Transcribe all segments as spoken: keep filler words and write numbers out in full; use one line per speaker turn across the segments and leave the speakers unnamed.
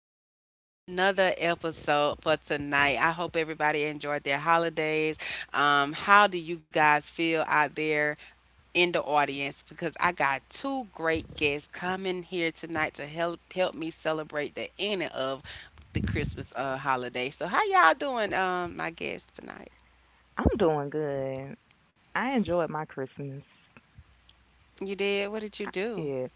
it with Yama. Another episode for tonight. I hope everybody enjoyed their holidays. Um, how do you guys feel out there in the audience? Because I got two great guests coming here tonight to help help me celebrate the ending of the Christmas uh, holiday. So, how y'all doing? Um, my guests tonight.
I'm doing good. I enjoyed my Christmas.
You did? What did you
I
do?
did.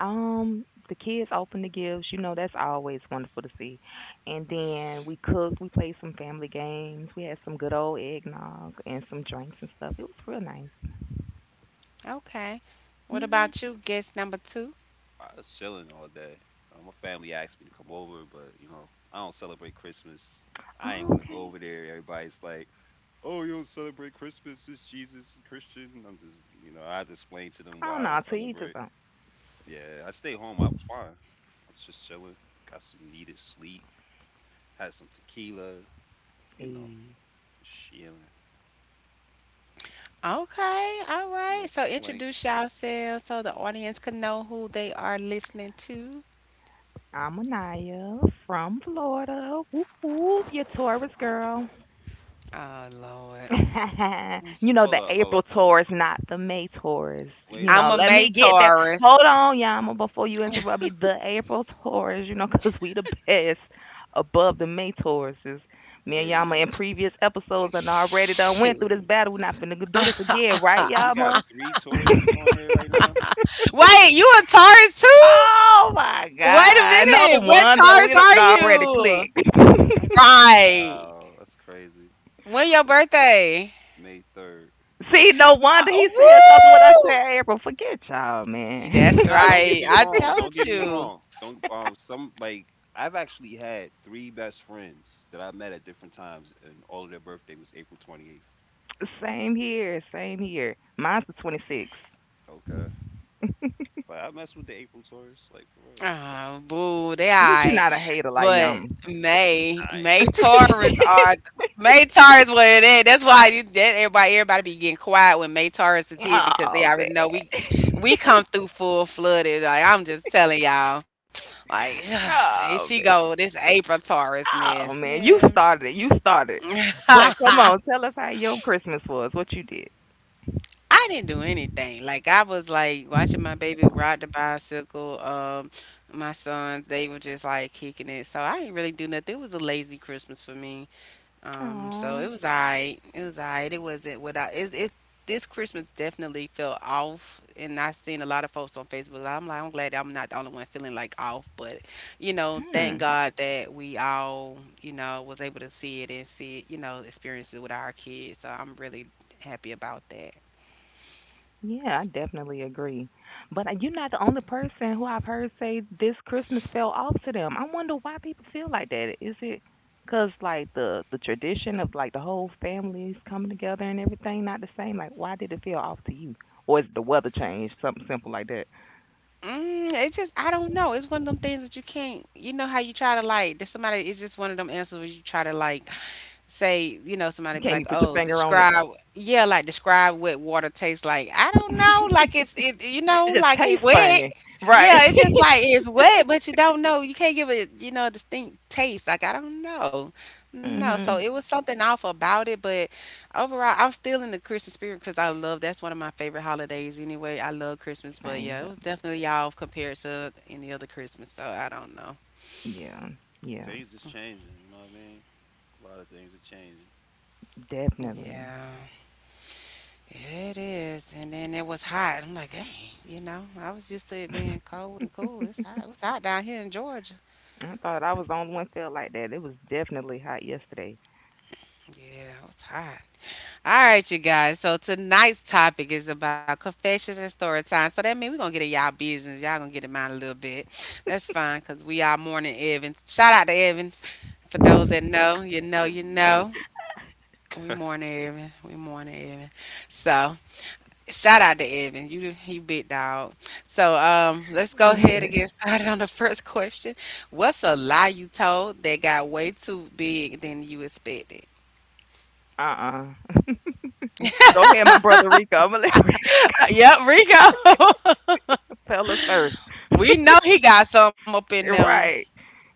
Um, the kids opened the gifts. You know, that's always wonderful to see. And then we cooked. We played some family games. We had some good old eggnog and some drinks and stuff. It was real nice.
Okay. What
Mhm.
about you, guest number two?
I was chilling all day. Uh, my family asked me to come over, but you know, I don't celebrate Christmas. I ain't want to go
Okay.
over there. Everybody's like, "Oh, you don't celebrate Christmas? It's Jesus and Christian." And I'm just, you know, I had to explain to them
Oh
why I
no,
don't
to each his
celebrate.
own.
Yeah, I stayed home. I was fine. I was just chilling. Got some needed sleep. Had some tequila. You know,
Hey,
just chilling.
Okay, all right.
No
So introduce
complaints.
yourselves so the audience can know who they are listening to.
I'm Anaya from Florida. Whoop whoop, your Taurus girl.
Oh Lord.
You know
Hold
the
up, hold
April
up, hold up,
tours,
hold
not
up.
the May tours.
Wait
You
a
know,
I'm a
minute.
let
May
me get that.
Taurus.
Hold on, Yama, before you interrupt me. The April tours, you know, 'cause we the best above the May tours. Is me and
Wait a
Yama in
minute.
previous episodes and already done went through this
Shoot.
battle. We're not finna do this again, right,
We got
Yama?
three Tauruses on here right now.
Wait, you a Taurus too?
Oh my
Wait a
God! No
minute. What
wonder we
Taurus are
done already
you?
clicked.
Right.
Wow, that's crazy.
When your birthday?
May third.
See, no wonder he said something when I
Woo!
said April. Forget y'all, man.
That's
Nah, don't get
right.
me
I
wrong. Don't
told
get me
you.
wrong. Don't um some like I've actually had three best friends that I met at different times and all of their birthday was April twenty-eighth.
Same here, same here. Mine's the twenty-sixth.
Okay. Like I mess with the April tourists, like for real.
Oh, boo, they
At least you're
alright.
not a hater like
But
Yum.
May,
I ain't
May
know.
Taurus are May Taurus what it is. That's why you, that everybody everybody be getting quiet when May Taurus is hit because they
Oh
already know we
man.
we come through full flooded. Like I'm just telling y'all, like here she
Oh man.
go this April Taurus miss,
Oh man. You
man.
started it. You started it. But come on, tell us how your Christmas was, what you did.
I didn't do anything. Like I was like watching my baby ride the bicycle. Um, my sons, they were just like kicking it. So I didn't really do nothing. It was a lazy Christmas for me. Um, so it
Oh.
was alright. It was alright. It wasn't without it. It this Christmas definitely felt off, and I seen a lot of folks on Facebook. I'm like, I'm glad I'm not the only one feeling like off, but you know, thank
Hmm.
God that we all, you know, was able to see it and see it, you know, experience it with our kids. So I'm really happy about that.
Yeah, I definitely agree. But uh, you're not the only person who I've heard say this Christmas fell off to them. I wonder why people feel like that. Is it because like the the tradition of like the whole families coming together and everything not the same? Like, why did it feel off to you? Or is the weather change? Something simple like that.
Mm, it's just I don't know. It's one of them things that you can't. You know how you try to like. There's somebody. It's just one of them answers where you try to like say. You know, somebody be
Can't
like,
you put your
"Oh,
finger on it?
describe." Yeah, like describe what water tastes like. I don't know. Like it's
It
it. You know,
just
like it
tastes
wet.
funny, right?
Yeah, it's just like it's wet, but you don't know. You can't give it. You know, a distinct taste. Like I don't know. No, so
Mhm.
it was something off about it, but overall, I'm still in the Christmas spirit because I love that's one of my favorite holidays anyway. I love Christmas, but
Same.
yeah, it was
Yeah.
definitely y'all compared to any other Christmas, so I don't know.
Yeah. Yeah.
Things is changing, you know what I mean? A lot of things are changing.
Definitely.
Yeah, it is. And then it was hot. I'm like, dang, you know, I was used to it being cold and cool. It's hot. It's hot down here in Georgia.
I thought I was the only one felt like that. It was definitely hot yesterday.
Yeah, it was hot. All right, you guys. So tonight's topic is about confessions and story time. So that means we're gonna get in y'all business. Y'all gonna get in mine a little bit. That's fine, cause we are mourning Evans. Shout out to Evans. For those that know, you know,
Except
you
we morning.
know. We mourning Evan. We mourning Evan. So shout out to Evan. You you big dog. So um let's go ahead
Yes.
and get started on the first question. What's a lie you told that got way too big than you expected?
Uh-uh. Go ahead, my brother Rico. I'm gonna let Rico
Uh, yep, Rico.
tell us first.
We know he got some up in
You're
them.
right.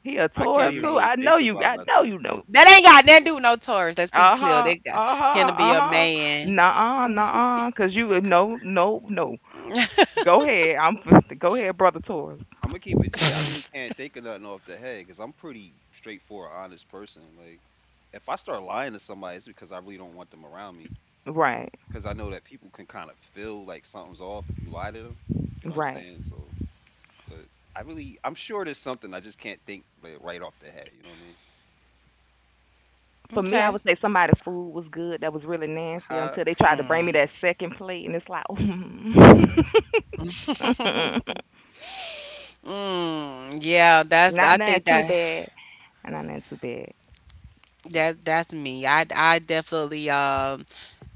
He a
I
A
can't
Taurus
man.
even
too.
really
I
think
know you.
about
I know
nothing.
you know.
That ain't got nothing to do with no Taurus. Let's be
Uh
clear.
huh.
They got
Uh
him
huh.
to be
Uh
a
huh.
man.
Nah. Nah. Cause you would- no. No. No. Go ahead. I'm. Go ahead, brother Taurus.
I'm gonna keep it G. I really can't think of nothing off the head because I'm pretty straightforward, honest person. Like, if I start lying to somebody, it's because I really don't want them around me.
Right.
Because I know that people can kind of feel like something's off if you lie to them. You know what I'm
Right.
saying? So, but I really, I'm sure there's something I just can't think like, right off the head. You know what I mean?
For me, I
Okay.
would say somebody's food was good that was really nasty
How,
until they tried to bring me that second plate, and it's like,
Mm, yeah, that's
not
I
nothing
think
too
that
bad. And not nothing too bad.
that that's me. I I definitely um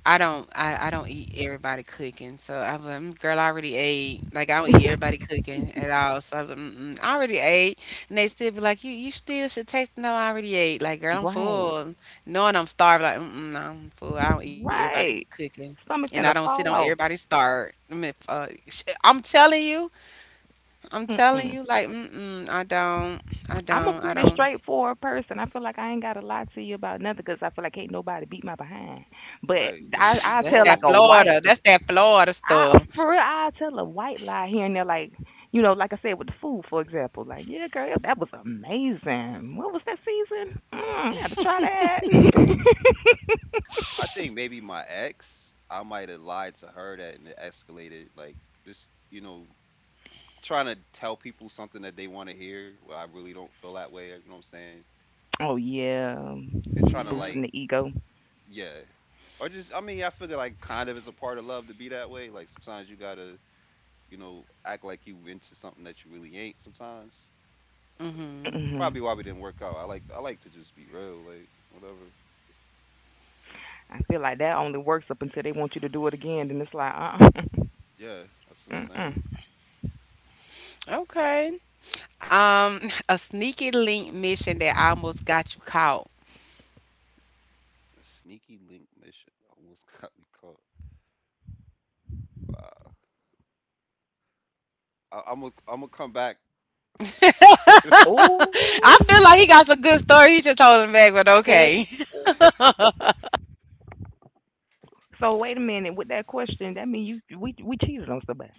I don't I, I don't eat everybody cooking. So I was like, "Mm, girl, I already ate. Like I don't eat everybody cooking at all. So I was like, Mm-mm, I already ate. And they still be like, you you still should taste. No, I already ate. Like girl, I'm
Right.
full. Knowing I'm starved. Like mm mm, no, I'm full. I don't eat everybody
Right.
cooking. And I
Stomach
don't
finna
sit on
fall off.
everybody's start. I mean, uh, sh- I'm telling you, I'm telling you,
Mm-mm.
like, mm-mm, I don't, I
I'm a
don't, I
pretty
don't.
straightforward person. I feel like I ain't gotta lie to you about nothing, cause I feel like ain't nobody beat my behind. But
right? Like
I
we
I
That's
tell
that
like
grown.
a white
Florida. That's that Florida
I
stuff.
for real I tell a white lie here and there, like you know, like I said with the food, for example. Like, yeah girl, that was amazing. What was that season? Mm, I had to try that.
I think maybe my ex, I might have lied to her that and it escalated. Like this, you know, trying to tell people something that they want to hear. Well, I really don't feel that way. You know what I'm saying?
Oh yeah,
They're trying to
Yeah.
boosting
like,
the ego.
yeah, or just I mean, I figure like kind of is a part of love to be that way. Like sometimes you gotta, you know, act like you into something that you really ain't. Sometimes it's
Mm-hmm.
Hmm.
probably why we didn't work out. I like I like to just be real, like whatever.
I feel like that only works up until they want you to do it again. Then it's like, uh,
Yeah, that's what I'm
uh-uh,
saying.
mm.
Okay. Um, a sneaky link mission that almost got you caught.
A sneaky link mission almost got me caught. Wow. I, I'm gonna I'm gonna come back.
Oh,
I feel like he got some good story. He just holding back, but
oh.
okay.
So wait a minute. With that question, that mean you we we cheated on somebody.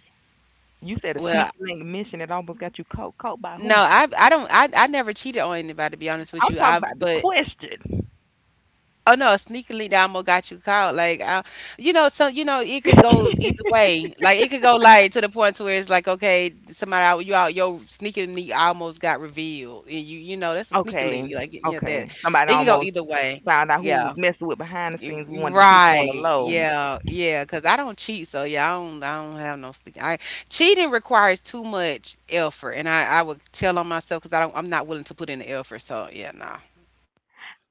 You said a
Well,
sneaky link mission that almost got you caught. Caught by who?
no, I I don't I, I never cheated on anybody to be honest with
I'm
you.
talking
I
about the
but
question.
oh no, a sneaky link that almost got you caught. Like uh, you know, so you know it could go either way. Like it could go like to the point to where it's like okay, somebody out you out your sneaky link almost got revealed, and you you know that's a sneaky link.
Okay,
Like yeah, that
okay. Somebody
it can go
almost
either way.
found out who was
Yeah.
messing with behind the scenes. We wanted to keep it on the
Right.
low.
Yeah. Yeah. Cause I don't cheat, so yeah, I don't. I don't have no stick. I cheating requires too much effort, and I I would tell on myself because I don't. I'm not willing to put in the effort. So yeah, no.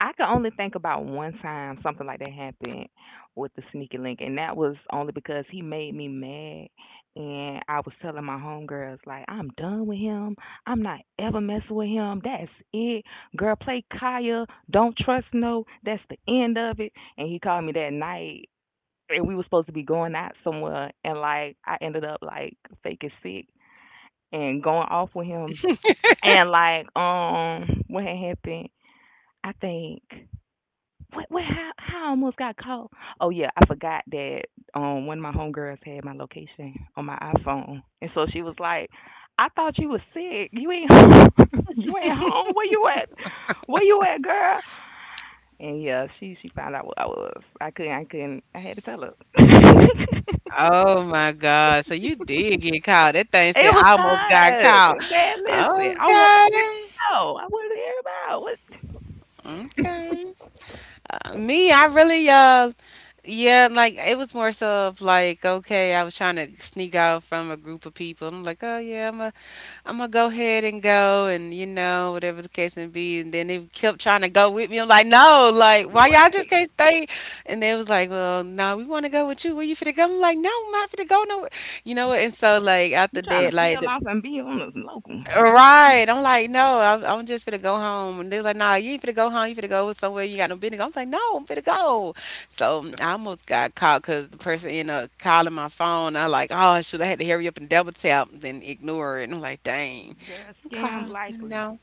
I can only think about one time something like that happened with the sneaky link, and that was only because he made me mad. And I was telling my homegirls like, I'm done with him. I'm not ever messing with him. That's it, girl. Play Kaya. Don't trust no. That's the end of it. And he called me that night, and we were supposed to be going out somewhere, and like I ended up like faking sick and going off with him. And like, um, what had happened? I think what what how how I almost got caught. Oh yeah, I forgot that um one of my homegirls had my location on my iPhone. And so she was like, I thought you was sick. You ain't home. You ain't home. Where you at? Where you at, girl? And yeah, she she found out what I was. I couldn't I couldn't I had to tell her. It
Oh my God. So you did get caught. That thing said
was
I almost got
cause,
caught.
man, listen, I want to
Okay.
know. I want to hear about what.
Okay. Me, I really uh yeah, like it was more so of like, okay, I was trying to sneak out from a group of people. I'm like, oh yeah, I'm a I'm gonna go ahead and go, and you know, whatever the case may be. And then they kept trying to go with me. I'm like, no, like, why y'all just
Right.
can't stay? And they was like, well, no, we want to go with you. Where you finna go? I'm like, no, I'm not finna go nowhere. You know what? And so, like,
You
after
trying to
that, like,
peel
the,
off and be on this local.
right. I'm like, no, I'm, I'm just finna go home. And they was like, nah, you ain't finna go home. You finna go somewhere you got no business. I'm like, no, I'm finna go. So I almost got caught because the person ended up calling my phone. I like, oh, should I had to hurry up and double tap, then ignore it. And I'm like, dang.
Girl scam
Call you
likely.
know.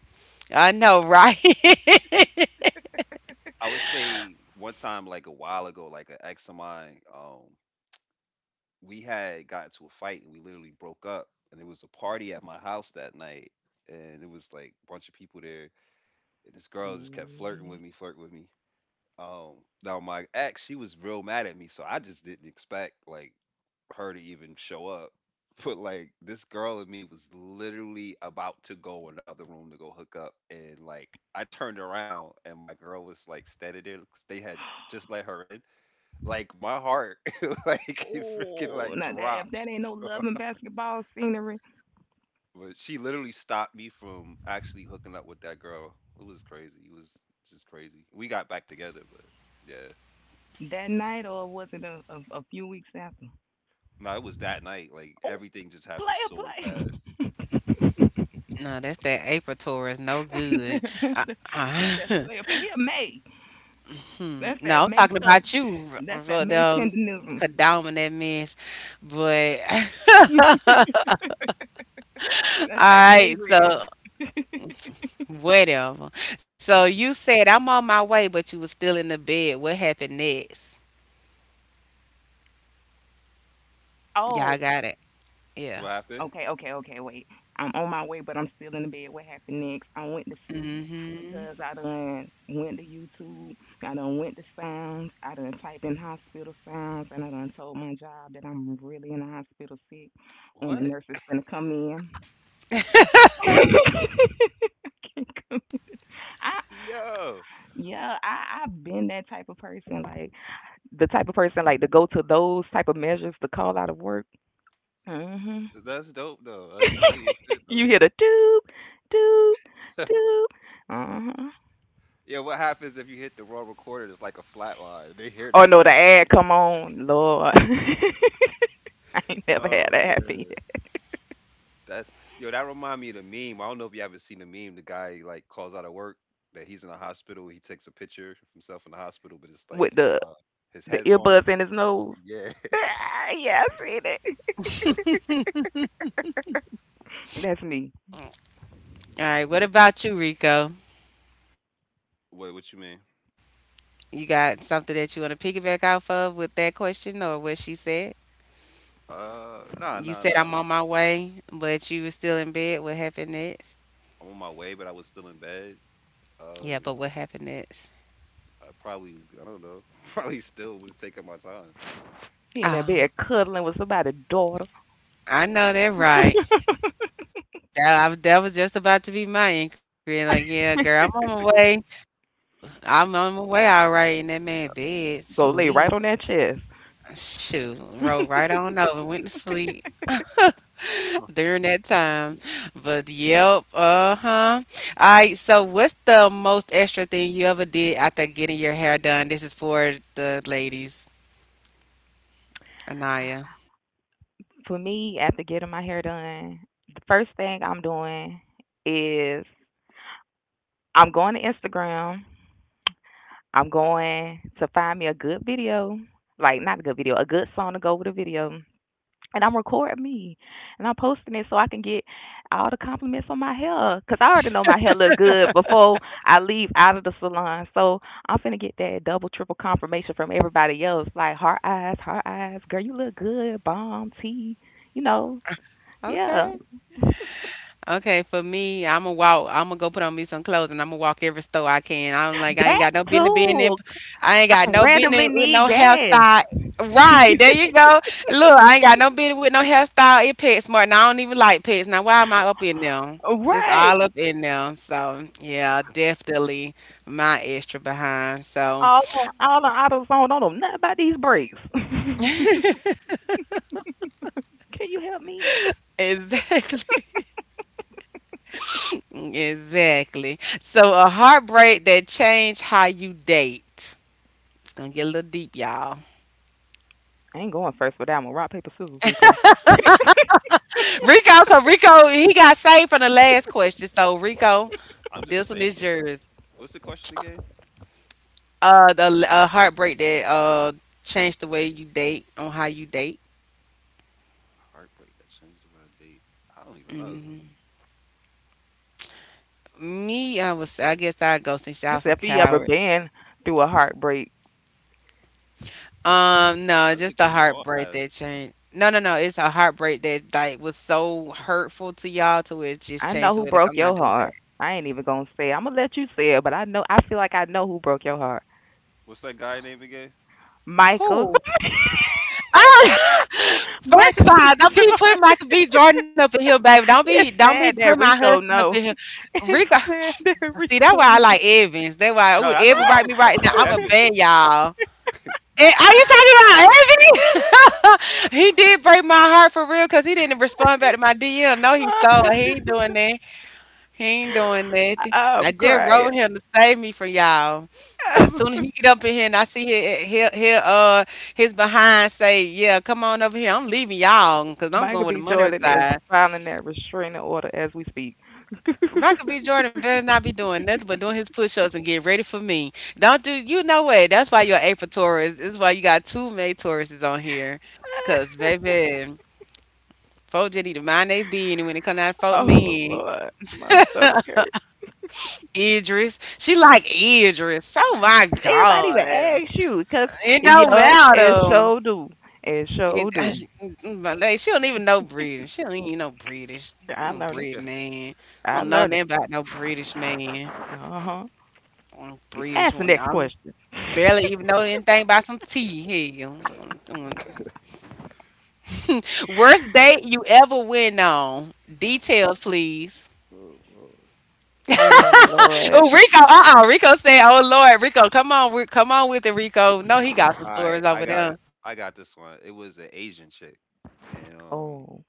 I know, right?
I would say one time like a while ago, like an ex of mine. Um, we had got into a fight and we literally broke up. And it was a party at my house that night, and it was like a bunch of people there. And this girl just kept flirting
Ooh.
with me, flirting with me. Um, Now my ex, she was real mad at me, so I just didn't expect like her to even show up. But like this girl and me was literally about to go in the other room to go hook up, and like I turned around and my girl was like standing there. 'Cause they had just let her in, like my heart like it freaking
Oh,
like
now that, if that
drops.
ain't no love and basketball scenery.
But she literally stopped me from actually hooking up with that girl. It was crazy. It was just crazy. We got back together, but yeah.
That night, or was it a, a, a few weeks after?
No, it was that night. Like
Oh,
everything just happened
player,
so
player.
fast.
No, that's that April tour is no
That's,
good.
that, that's,
Uh,
that, that's
uh,
that player, player. He a May.
hmm.
That's
No,
that
I'm
May.
talking
tel-
about you, R-
That's that May
Rodell,
tendenism.
Kadama, that mess. But, all
That's that
right,
May red.
so whatever. So you said I'm on my way, but you was still in the bed. What happened next? Y'all
Oh.
got it. Yeah.
What happened?
Okay, okay, okay, wait. I'm on my way, but I'm still in the bed. What happened next? I went to sleep
Mm-hmm.
because I done went to YouTube. I done went to sounds. I done typed in hospital sounds, and I done told my job that I'm really in the hospital sick, and the
What?
nurse is gonna come in. I can't come in. I
Yo,
Yeah, I I've been that type of person, like the type of person like to go to those type of measures to call out of work. Mhm.
that's dope though. That's funny as shit
You hear
though.
the doop, doop,
but-
doop. Uh-huh.
Yeah, what happens if you hit the wrong recorder? It's like a flat line. They hear,
Oh
they
no, the
like,
ad come on, Lord. I ain't never had
oh
that happen
man.
yet.
That's yo. That remind me of the meme. I don't know if you ever seen the meme. The guy like calls out of work that he's in the hospital. He takes a picture of himself in the hospital, but it's like
With
his
the
uh, his
the earbuds in
headphones.
his nose.
Yeah.
Ah, yeah, I seen it. That's me.
All right, what about you, Rico?
Wait, what you mean?
You got something that you want to piggyback off of with that question or what she said?
Uh, nah,
You
nah,
said
nah.
I'm on my way, but you were still in bed. What happened next?
I'm on my way, but I was still in bed.
Yeah,
Uh,
but what happened next?
I probably, I don't know. Probably still was taking my time.
He in that
Oh,
bed cuddling with somebody's daughter.
I know that right. That, I, that was just about to be my inquiry. Like, yeah, girl, I'm on my way. I'm on my way, all right. And that man bed
Go lay
sleep.
right on that chest.
Shoot, rolled right on over, went to sleep. during that time. But yep, uh-huh. All right, so what's the most extra thing you ever did after getting your hair done? This is for the ladies. Anaya.
For me, after getting my hair done, the first thing I'm doing is I'm going to Instagram. I'm going to find me a good video, like not a good video, a good song to go with a video. And I'm recording me, and I'm posting it so I can get all the compliments on my hair. Cause I already know my hair look good before I leave out of the salon. So I'm finna get that double, triple confirmation from everybody else. Like heart eyes, heart eyes, girl, you look good, bomb tea, you know, yeah,
Okay. Okay, for me, I'm gonna walk. I'm gonna go put on me some clothes, and I'm gonna walk every store I can. I'm like, I ain't
that
got no business being in.
too.
I ain't got
I
no business
randomly
with
need
no
gas,
hairstyle. Right there, you go. Look, I ain't got no business with no hairstyle. It pets more, and I don't even like pets. Now, why am I up in there? Just all
right?
up in there. So yeah, definitely my extra behind. So
All on, all on AutoZone. Don't know nothing about these brakes. Can you help me?
exactly, exactly. So a heartbreak that changed how you date. Gonna get a little deep, y'all.
I ain't going first for that one. Rock paper scissors, Rico.
Rico, cause Rico he got saved from the last question. So Rico,
I'm
this
just
one is
thinking.
yours.
What's the question again?
Uh, the uh, heartbreak that uh changed the way you date on how you date.
Heartbreak that changed the way I date. I don't even know.
Mm-hmm. Me, I was. I guess I'd go since y'all some
Except if you ever
cowards.
been through a heartbreak.
Um, no,
I think
just a
we all
heartbreak
have.
that changed. No, no, no. It's a heartbreak that like was so hurtful to y'all to where it just
I know
changed the
who
way. Like
broke
I'm
your
not doing
heart. I ain't even gonna say it. I'm gonna let you say it, but I know. I feel like I know who broke your heart.
What's that guy name again?
Michael.
that. Oh, first
Michael
of
B.
all, don't be putting
Jordan.
Michael B. Jordan up in here, baby. Don't be
It's
don't be
sad
putting
that
my
Rico
husband up in here.
know. It's
Rico,
sad that
see that's
Rico
why I
know.
like Evans. That's why ooh,
No, that's
Evan
who I
write me
was
right
talking
now.
about,
I'm a
Evan.
bad y'all. Eh, are you talking about Evan? he did break my heart for real because he didn't respond back to my D M. No, he slow. He ain't doing that. He ain't doing nothing. I
I'm
just
crying.
wrote him to save me from y'all. Cause soon as he get up in here and I see his, his, his uh his behind say, yeah, come on over here. I'm leaving y'all because I'm
Michael
going with the
B.
money
Jordan is
reside.
filing that restraining order as we speak.
Michael B. Jordan better not be doing nothing but doing his push ups and getting ready for me. Don't do you know what? That's why you're an April Taurus. This is why you got two May Tauruses on here. Cause baby, folks just need to mind they being and when they come out folk
Oh
men.
Lord, my stomach hurts.
Idris. She like Idris. Oh my
Anybody even
God.
ask you? Cause
It don't
yup, it
matter.
sure do. It
It,
sure do.
but like, she don't even know British. She don't even know British.
I
No
learned it.
Brit man. I
I
don't know
learned
nothing
it.
about no British man.
Uh huh.
Mm, British
Ask the
one.
next
I
question.
barely even know anything about some tea. Hell. Worst date you ever went on. Details, please.
Oh Lord.
Oh Lord.
Oh, Rico. Uh uh Rico said, Oh Lord, Rico, come on, Ri- come on with it, Rico. No, he got
All
some
right,
stories
I
over there.
got I got this one. It was an Asian chick, and um,
Oh.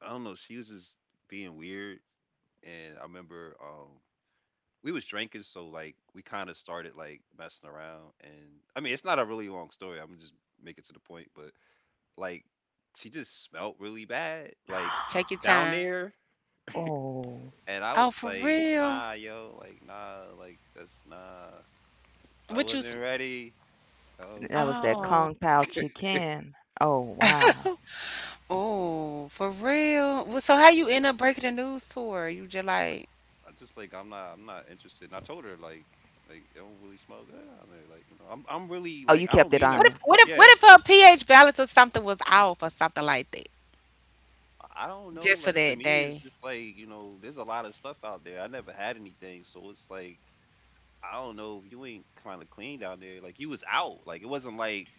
I don't know. She was just being weird, and I remember um, we was drinking, so like we kind of started like messing around, and I mean it's not a really long story. I'm gonna just make it to the point, but like she just smelled really bad, like
Take your time.
down there,
Oh.
and I
Oh,
was
for
like,
real?
nah, yo, like nah, like that's nah. I
What you? S-
wasn't ready. Oh.
That was that
Oh,
Kong Pao chicken. Oh wow.
oh, for real? Well, so how you end up breaking the news to her? You just like,
I just like I'm not I'm not interested. And I told her like like it don't really smell good out there. Like you know I'm I'm really
Oh,
like
you
I don't
kept it
mean to.
what if,
honest.
what if,
Yeah,
what if her pH balance or something was off or something like that,
I I don't know.
just for
Like to
that
me, it's
day?
just like you know there's a lot of stuff out there. I never had anything, so it's like I don't know if you ain't kind of clean down there. Like you was out. Like it wasn't like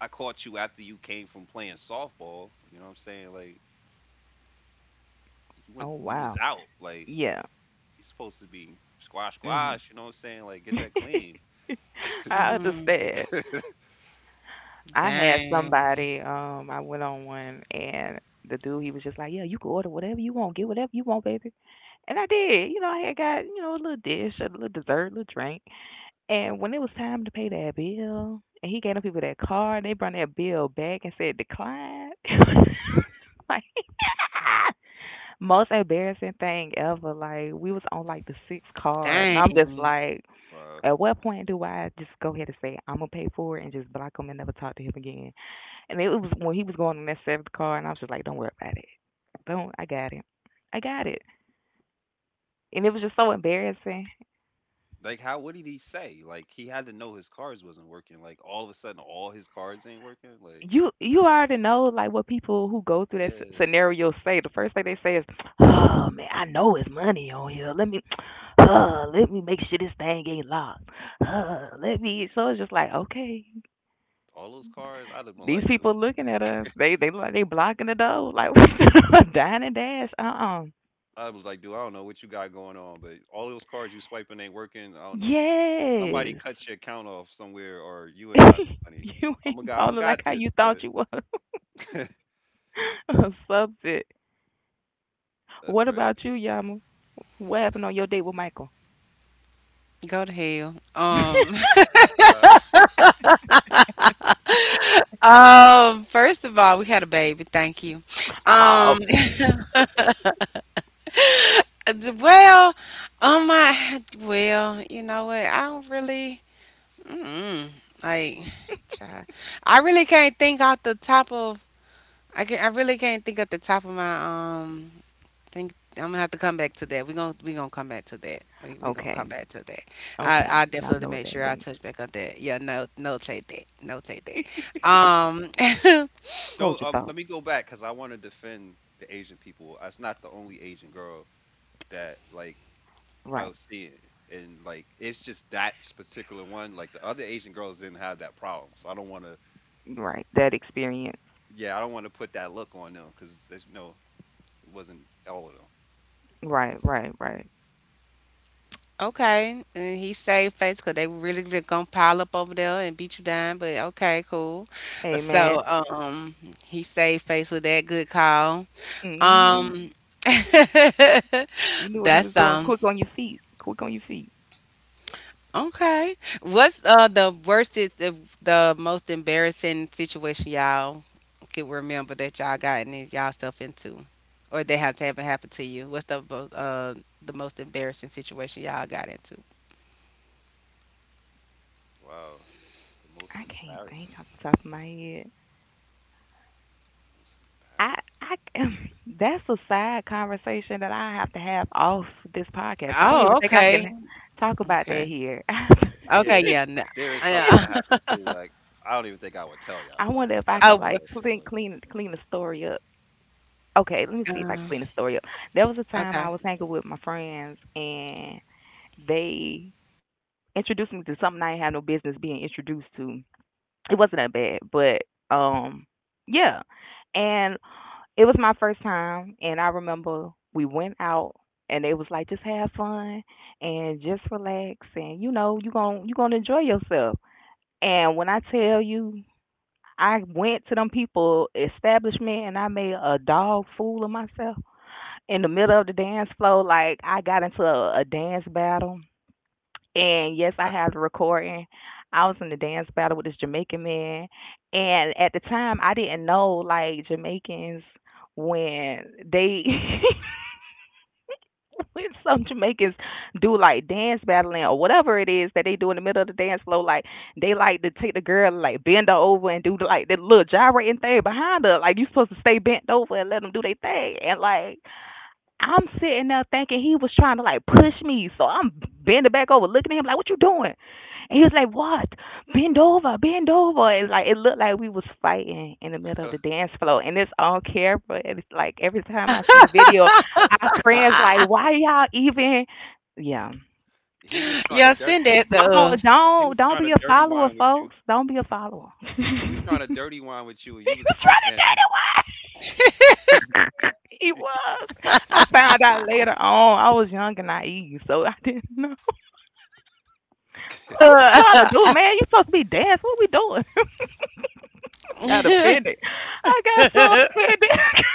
I caught you after you came from playing softball. You know what I'm saying? Like you went
Oh
you was
wow.
out. Like
Yeah.
you're supposed to be squash
Mhm.
squash. You know what I'm saying? Like get that clean.
I
Mm-hmm.
understand. I had
Dang,
somebody, um, I went on one, and the dude he was just like, yeah, you can order whatever you want, get whatever you want, baby. And I did. You know, I had got, you know, a little dish, a little dessert, a little drink. And when it was time to pay that bill, and he gave them people that card, they brought that bill back and said decline. Like most embarrassing thing ever. Like we was on like the sixth card, and I'm just
dang.
like,
Wow.
at what point do I just go ahead and say I'm gonna pay for it and just block him and never talk to him again? And it was when he was going in that seventh car, and I was just like, "Don't worry about it. Don't. I got it. I got it." And it was just so embarrassing.
Like, how? What did he say? Like, he had to know his cards wasn't working. Like, all of a sudden, all his cards ain't working. Like,
You you already know like what people who go through that s-
yeah,
scenario say. The first thing they say is, "Oh man, I know it's money on here. Let me, uh, let me make sure this thing ain't locked. Uh, let me." So it's just like, okay.
all those cards. I'd have been
These
like, dude.
people looking at us. They they like they blocking the door. Like dine and dash. Uh uh.
I was like, dude, I don't know what you got going on, but all those cards you swiping ain't working. I don't know. s- Somebody
Yes.
cut your account off somewhere, or you ain't got no money.
You
I'm a
ain't
guy. I
balling like
got
how
this,
you
but
thought you was. A subject.
that's
What
crazy.
about you, Yama? What happened on your date with Michael?
Go to hell. Um,
Uh,
um. First of all, we had a baby. Thank you.
Oh.
Um. Well, um. I well, you know what? I don't really. Mm, like, child, I really can't think off the top of. I can. I really can't think at the top of my. Um, think I'm gonna have to come back to that. We gonna we gonna come back to that. We we gonna
Okay.
come back to that. I
Okay.
I
I
definitely
know what
make
that
sure I
means.
touch back on that. Yeah, no, notate that. Notate that. Um.
Hold
don't.
your
Um,
thought.
let me go back because I want to defend the Asian people. That's not the only Asian girl that like I
Right.
was seeing. And like it's just that particular one. Like the other Asian girls didn't have that problem, so I don't want to.
Right. That experience.
Yeah, I don't want to put that look on them because there's no. It wasn't all of them.
Right. Right. Right.
Okay, and he saved face because they were really really gonna pile up over there and beat you down. But okay, cool.
Hey man.
So um, he saved face with that good call.
Mhm.
Um,
You knew what he was
that's
doing.
um
Quick on your feet. Quick on your feet.
okay. What's uh the worst is the, the most embarrassing situation y'all can remember that y'all gotten in- y'all stuff into, or that has haven't happened to you? What's the bo- uh the most embarrassing situation y'all got into?
Wow, the most
I can't
embarrassing.
think off the top of my head.
The most
I,
embarrassing.
I, that's a side conversation that I have to have off this podcast. I don't even
Oh,
think I
okay,
can talk about that
okay,
here.
Yeah,
okay,
there's
yeah, no.
there is something
Yeah.
that happened too. Like I don't even think I would tell
I
y'all. Like
wonder if I
that's
could
Oh,
how
w-
like
embarrassing
clean,
it
clean, clean the story up. Okay, let me see if I can
uh,
clean the story up. There was a time I
okay.
was hanging with my friends and they introduced me to something I had no business being introduced to. it wasn't that bad, but um, yeah. And it was my first time, and I remember we went out, and they was like, just have fun and just relax, and you know, you gon' you gonna enjoy yourself. And when I tell you, I went to them people establishment, and I made a dog fool of myself in the middle of the dance floor. Like I got into a, a dance battle and yes, I have the recording. I was in the dance battle with this Jamaican man, and at the time, I didn't know like Jamaicans when they when some Jamaicans do like dance battling or whatever it is that they do in the middle of the dance floor, like they like to take the girl like bend her over and do like that little gyrating thing behind her. Like you supposed to stay bent over and let them do their thing, and like I'm sitting there thinking he was trying to like push me, so I'm bending back over, looking at him like, "What you doing?" And he was like, "What? Bend over, bend over." It's like it looked like we was fighting in the middle of
was.
the dance floor, and it's on camera. And it's like every time I see the video, I cringe. Like, why y'all even? Yeah,
He was trying to
Yeah,
dirty.
send that to
don't
He
don't
was
don't
trying to
be a
dirty
follower,
wine with you.
folks. Don't be a follower.
He was trying
he
to
was
dirty wine with you, and you was crunk
trying to date
dancing.
a wife. he was. I found out later on. I was young and naive, so I didn't know. I'm like, what you trying
us.
to do, man? You supposed to be dancing. What we doing? got offended. I got so offended.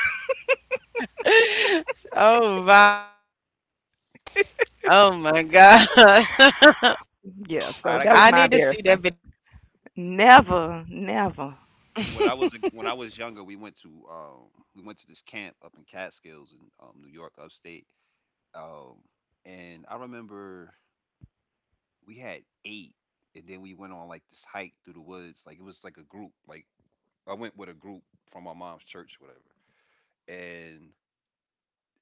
Oh, oh my God.
yeah,
All
so
right, I
that was
got
I
my
need to
something.
see that
embarrassment. Never, never.
When
video.
I was a, when I was younger, we went to um we went to this camp up in Catskills in um, New York, upstate. Um, and I remember we had eight, and then we went on like this hike through the woods. Like it was like a group. Like I went with a group from my mom's church, whatever. And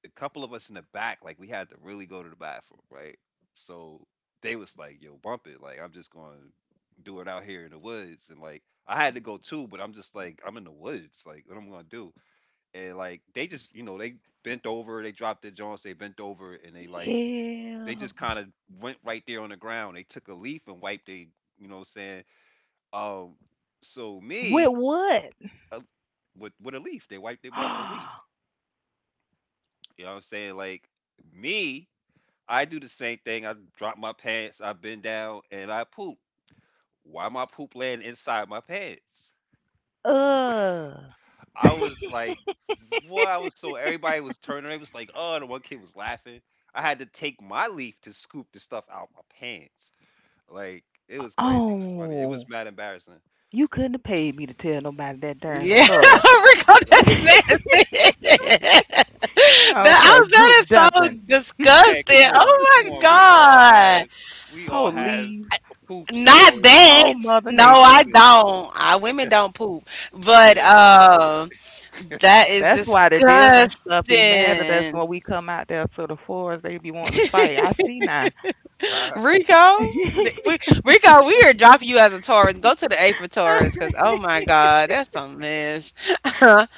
a couple of us in the back, like we had to really go to the bathroom, right? So they was like, "Yo, bump it!" Like I'm just going to do it out here in the woods, and like I had to go too, but I'm just like I'm in the woods. Like what am I gonna do? And like they just, you know, they bent over they dropped their joints, they bent over and they like they
Ew.
just kind of went right there on the ground. They took a leaf and wiped they, you know what I'm saying, um so
With
me,
what?
uh, with with a leaf they wiped their butt with a leaf, you know what I'm saying, like me, I do the same thing. I drop my pants, I bend down and I poop. Why my poop land inside my pants?
uh.
I was like, what? I was so everybody was turning. It was like, oh, the one kid was laughing. I had to take my leaf to scoop the stuff out my pants. Like it was crazy. It was funny. It was
Oh.
mad embarrassing.
You couldn't have paid me to tell nobody that darn
Yeah,
story.
Rico,
Mad
that's
embarrassing.
nasty. That,
Over
I
there,
was, that
group
is so
dumping.
Hey, come
disgusting.
on,
Oh
come
my
on. We all
God.
have, we all have
Police.
a poop
Not
story.
Whole
Like
that.
Mother
No,
we're
Nature.
I
human.
don't. I women don't poop. But
Yeah.
um that is
That's why the deals and
disgusting.
stuff be mad at us when we come out there to the forest. They be wanting to fight. I see now.
Ty.
Rico, th- we, Rico, we are dropping you as a Taurus. Go to the A for Taurus because, oh my God, that's a mess.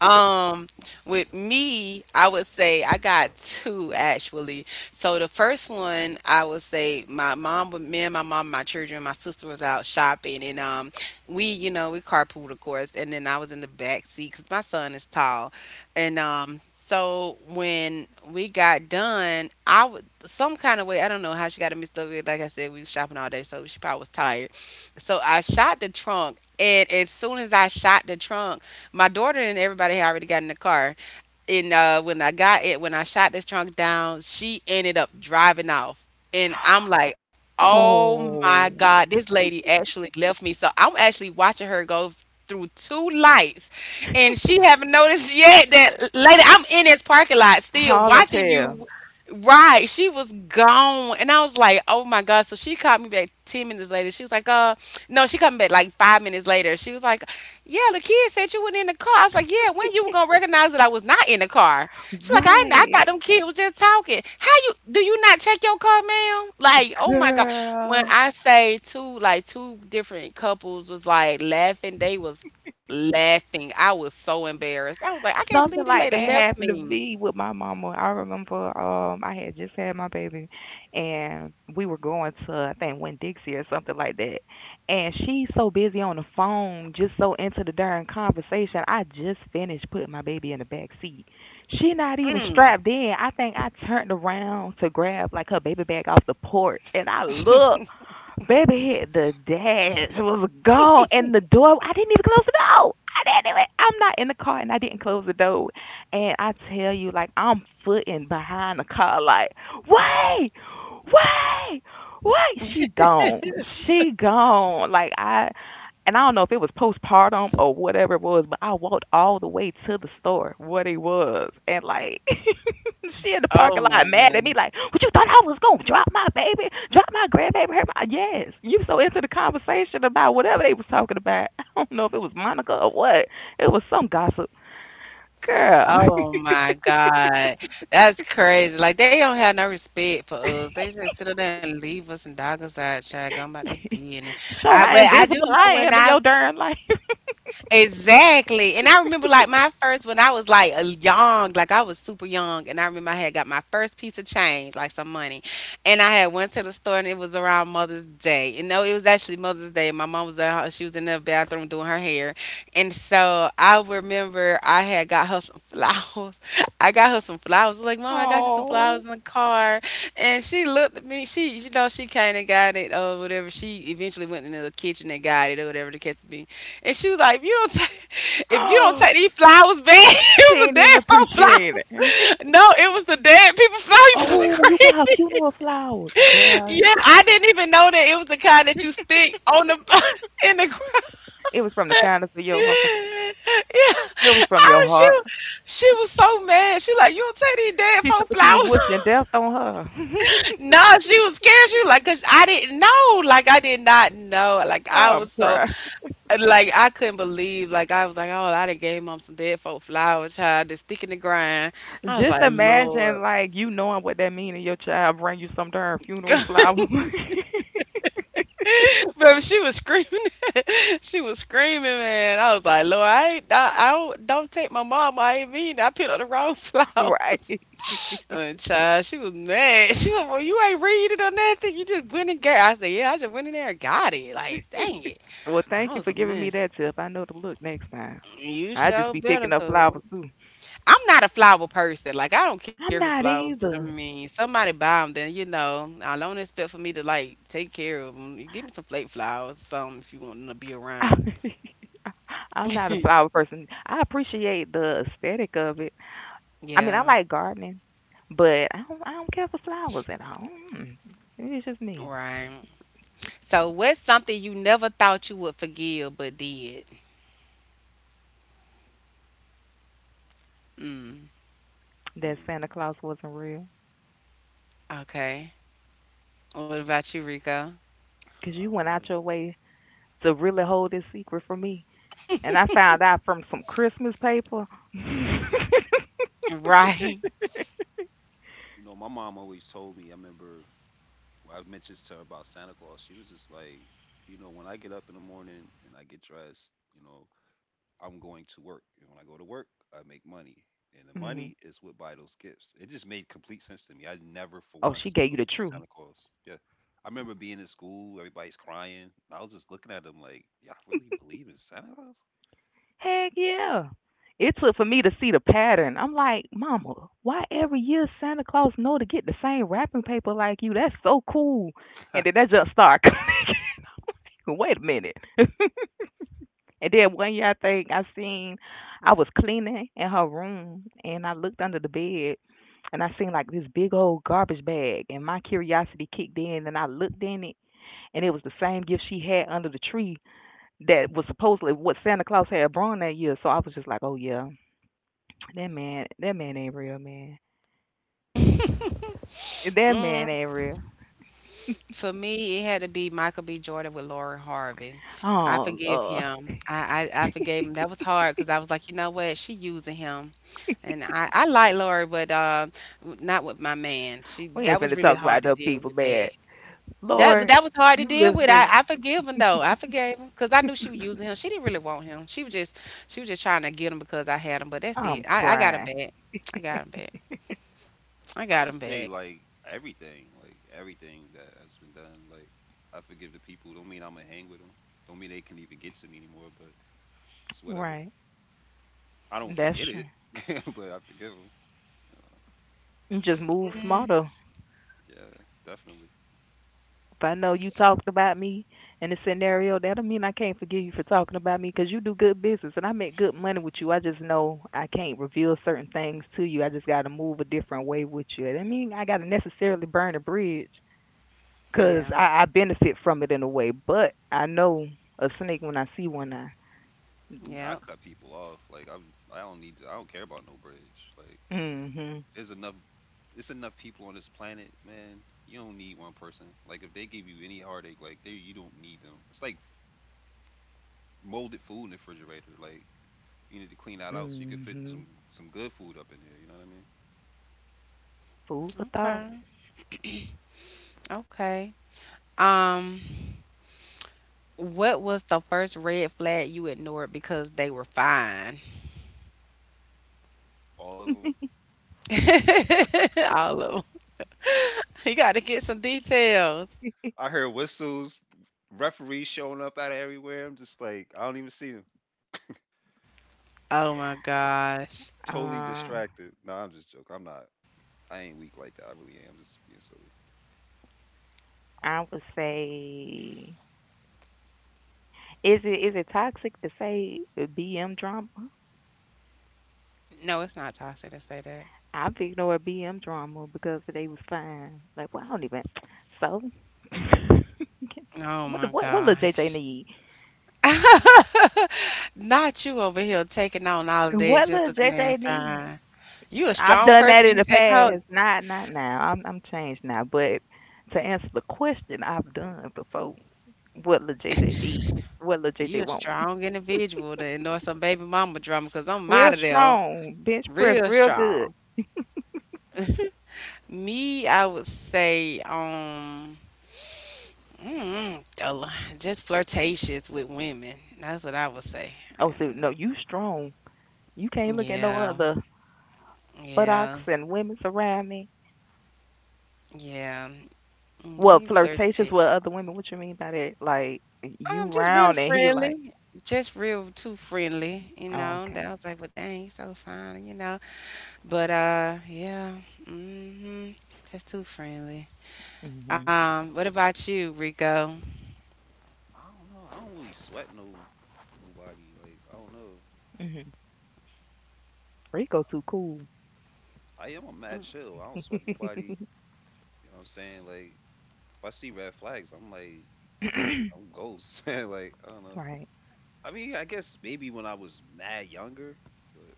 Um, with me, I would say I got two actually. So the first one, I would say my mom, with me and my mom, my children, my sister was out shopping, and um, we, you know, we carpooled of course, and then I was in the back seat because my son is tall, and um, so when we got done, I would some kind of way I don't know how she got a mixed up with. Like I said, we was shopping all day, so she probably was tired. So I shot the trunk, and as soon as I shot the trunk, my daughter and everybody had already got in the car. And uh, when I got it, when I shot this trunk down, she ended up driving off. And I'm like, oh my
oh,
God, this lady actually left me. So I'm actually watching her go through two lights. And she haven't noticed yet that lady, I'm in this parking lot still
haul and
watching
tail.
you. Right, she was gone, and I was like, "Oh my god!" So she called me back ten minutes later. She was like, "Uh, no." She called me back like five minutes later. She was like, yeah, the kid said you were in the car. I was like, yeah, when you were gonna recognize that I was not in the car? She's like, I, I thought
Right,
them kids was just talking. How you do you not check your car, ma'am? Like, oh my god. When
girl.
I say two, like two different couples was like laughing, they was laughing. I was so embarrassed. I was like, I can't believe this
Something like
lady
that
left
happened to
me.
me with my mama. I remember um I had just had my baby and we were going to I think Winn Dixie or something like that. And she's so busy on the phone, just so into the darn conversation. I just finished putting my baby in the back seat. She not even strapped in. I think I turned around to grab like her baby bag off the porch and I look. Baby the dash, was gone, and the door, I didn't even close the door. I didn't even, I'm not in the car, and I didn't close the door. And I tell you, like, I'm footing behind the car, like, wait, wait, wait. She gone. She gone. Like, I, and I don't know if it was postpartum or whatever it was, but I walked all the way to the store, what it was, and like she in the
Oh
parking lot
my
mad at me
god.
like, what you thought I was going to drop my baby, drop my grandbaby? Her, my, yes, you so into the conversation about whatever they was talking about. I don't know if it was Monica or what. It was some gossip. Girl,
Oh my God. That's crazy. Like they don't have no respect for us. They just sit up there and leave us and dog us out, child, going about their business. I
show
but
how
I do
invisible
know when
I am in
I
your darn life.
exactly. And I remember like my first when I was like a young, like I was super young, and I remember I had got my first piece of change, like some money. And I had went to the store and it was around Mother's Day. You know, it was actually Mother's Day. My mom was at she was in the bathroom doing her hair. And so I remember I had got her some flowers. I got her some flowers. I was like, Mom, I got you some flowers
Oh,
in the car. And she looked at me. She, you know, she kind of got it or whatever. She eventually went into the kitchen and got it or whatever the case be. And she was like, "If you don't, take, if you don't take these flowers back,
she
it was a
ain't even
dead folk
appreciate
flower.
it.
No, it was the dead people flower. You feeling
Oh, you got
crazy?
funeral flowers. Girl,
yeah, I didn't even know that it was the kind that you stick on the in the ground.
it was from the kindness of
yeah,
your heart. It was from your
oh, she,
heart.
she was so mad. She like, you don't take these dead
She
folk
thought you was
flowers."
wishing death on her.
No, she was scared. She was like, cause I didn't know. Like I did not know. Like I
I'm
was so,
crying.
like I couldn't believe. Like I was like, oh, I done gave mom some dead folk flower child. Just sticking the grind. I was
Just
like,
imagine,
Lord.
like, you knowing what that means and your child bring you some darn funeral flower.
But she was screaming. She was screaming, man. I was like, Lord, I ain't, I, I don't, don't take my mom. I ain't mean. I picked up the wrong
right.
flowers. And child, she was mad. She was, like, well, you ain't read it or nothing. You just went and got. I said, yeah, I just went in there and got it. Like, dang it.
Well,
I
thank you
was
for
a
giving me
mess.
that tip. I know to look next time.
You
I just
sure
be
better
picking up flowers
come.
too.
I'm not a flower person. Like I don't care for
I'm not
flowers, but I
either.
mean, somebody buy them, then you know. I don't expect for me to like take care of them. You give me some flake flowers, some if you want them to be around.
I'm not a flower person. I appreciate the aesthetic of it. I mean, I
Yeah,
like gardening, but I don't, I don't care for flowers at all. Mm. It's just me.
right. So what's something you never thought you would forgive but did? Mm,
That
Mm,
Santa Claus wasn't real.
okay. What about you, Rico?
'Cause
I
you
don't
went
know.
out your way to really hold this secret from me. And I found out from some Christmas paper.
Right.
You know, my mom always told me. I remember when I mentioned this to her about Santa Claus. She was just like, you know, when I get up in the morning and I get dressed, you know, I'm going to work. And when I go to work, I make money. And the
Mhm.
money is what buy those gifts. It just made complete sense to me. I never for
Oh, she
once
gave you the
believed in
truth.
Santa Claus. Yeah. I remember being in school, everybody's crying. I was just looking at them like, y'all really believe in Santa Claus?
Heck yeah. It took for me to see the pattern. I'm like, Mama, why every year Santa Claus know to get the same wrapping paper like you? That's so cool. And then that just started wait a minute. and then one year I think I seen I was cleaning in her room and I looked under the bed and I seen like this big old garbage bag and my curiosity kicked in and I looked in it and it was the same gift she had under the tree that was supposedly what Santa Claus had brought that year. So I was just like, oh yeah, that man, that man ain't real, man.
Hmm.
That man ain't real.
For me, it had to be Michael B. Jordan with Lauren Harvey. I
Oh
forgive
Lord,
him. I, I, I forgave him. That was hard because I was like, you know what? She using him, and I, I like Lauren, but uh, w- not with my man. She
we ain't
that was
finna
really
talk about
hard to
no
deal
people,
with that.
bad.
That
Lord,
that was hard to
you
deal with.
listening?
I, I forgive him though. I forgave him because I knew she was using him. She didn't really want him. She was just she was just trying to get him because I had him. But that's
I'm
it. I, I got him
crying.
back. I got him back. I
I
got
would
him back.
say like everything, like everything that has been done. Like I forgive the people. Don't mean I'm gonna hang with them. Don't mean they can even get to me anymore. But it's whatever.
Right,
I don't
that's
forget
true.
it, but I forgive them.
You just move
Mm,
smarter.
Yeah, definitely.
If I know you talked about me in a scenario, that'll mean I can't forgive you for talking about me because you do good business and I make good money with you. I just know I can't reveal certain things to you. I just got to move a different way with you. I mean, I got to necessarily burn a bridge because
yeah.
I, I benefit from it in a way, but I know a snake when I see one. I
Nah, I
Yeah.
cut people off. Like I'm, I don't need to. I don't care about no bridge. Like
mhm
there's enough. It's enough people on this planet, man. You don't need one person. Like if they give you any heartache, like they you don't need them. It's like molded food in the refrigerator. Like you need to clean that out so you can fit
mhm
some some good food up in there. You know what I mean?
food for thought.
Okay. Okay. Um, what was the first red flag you ignored because they were fine?
All of them.
All of them. You got to get some details.
I heard whistles, referees showing up out of everywhere. I'm just like I don't even see them.
Oh
Like
my gosh.
totally
Uh,
distracted. No, I'm just joking. I'm not. I ain't weak like that. I really am. Just being silly.
I would say, is it is it toxic to say B M drama?
No, it's not toxic to say that.
I picked over B M drama because they was fine. Like, well, I don't even. So,
Oh
what
my
what what little J J
gosh.
need?
Not you over here taking on all of
What
that
little
just 'cause the
J J
man
need?
fine. You a
I've
strong
done that
person.
in the
You take
past.
hold.
Not not now. I'm I'm changed now. But to answer the question, I've done before. What little J J need? What little J J
You a
want?
strong individual to ignore some baby mama drama because I'm
Real
out of there.
strong bench press,
Real
real good.
strong. Me, I would say, um, mm, a lo- just flirtatious with women. That's what I would say.
Oh, so no,
And
you strong. You can't look at no
yeah,
other buttocks
yeah,
and women around me.
yeah.
Well,
Mm, you
flirtatious with other
flirtatious.
women. What you mean by that? Like you
Um, just
round and
real
he like,
friendly. Just real too friendly, you
oh, okay.
know. That I was like, well, dang, you so fine, you know. But uh, yeah, mm-hmm. Just too friendly.
Mhm.
Um, what about you, Rico?
I don't know. I don't really sweat no nobody. Like I don't know.
Mhm. Rico too cool.
I am a mad chill. I don't sweat nobody. You know what I'm saying? Like if I see red flags, I'm like I'm ghost. Like I don't know.
right.
I mean, I guess maybe when I was mad younger, but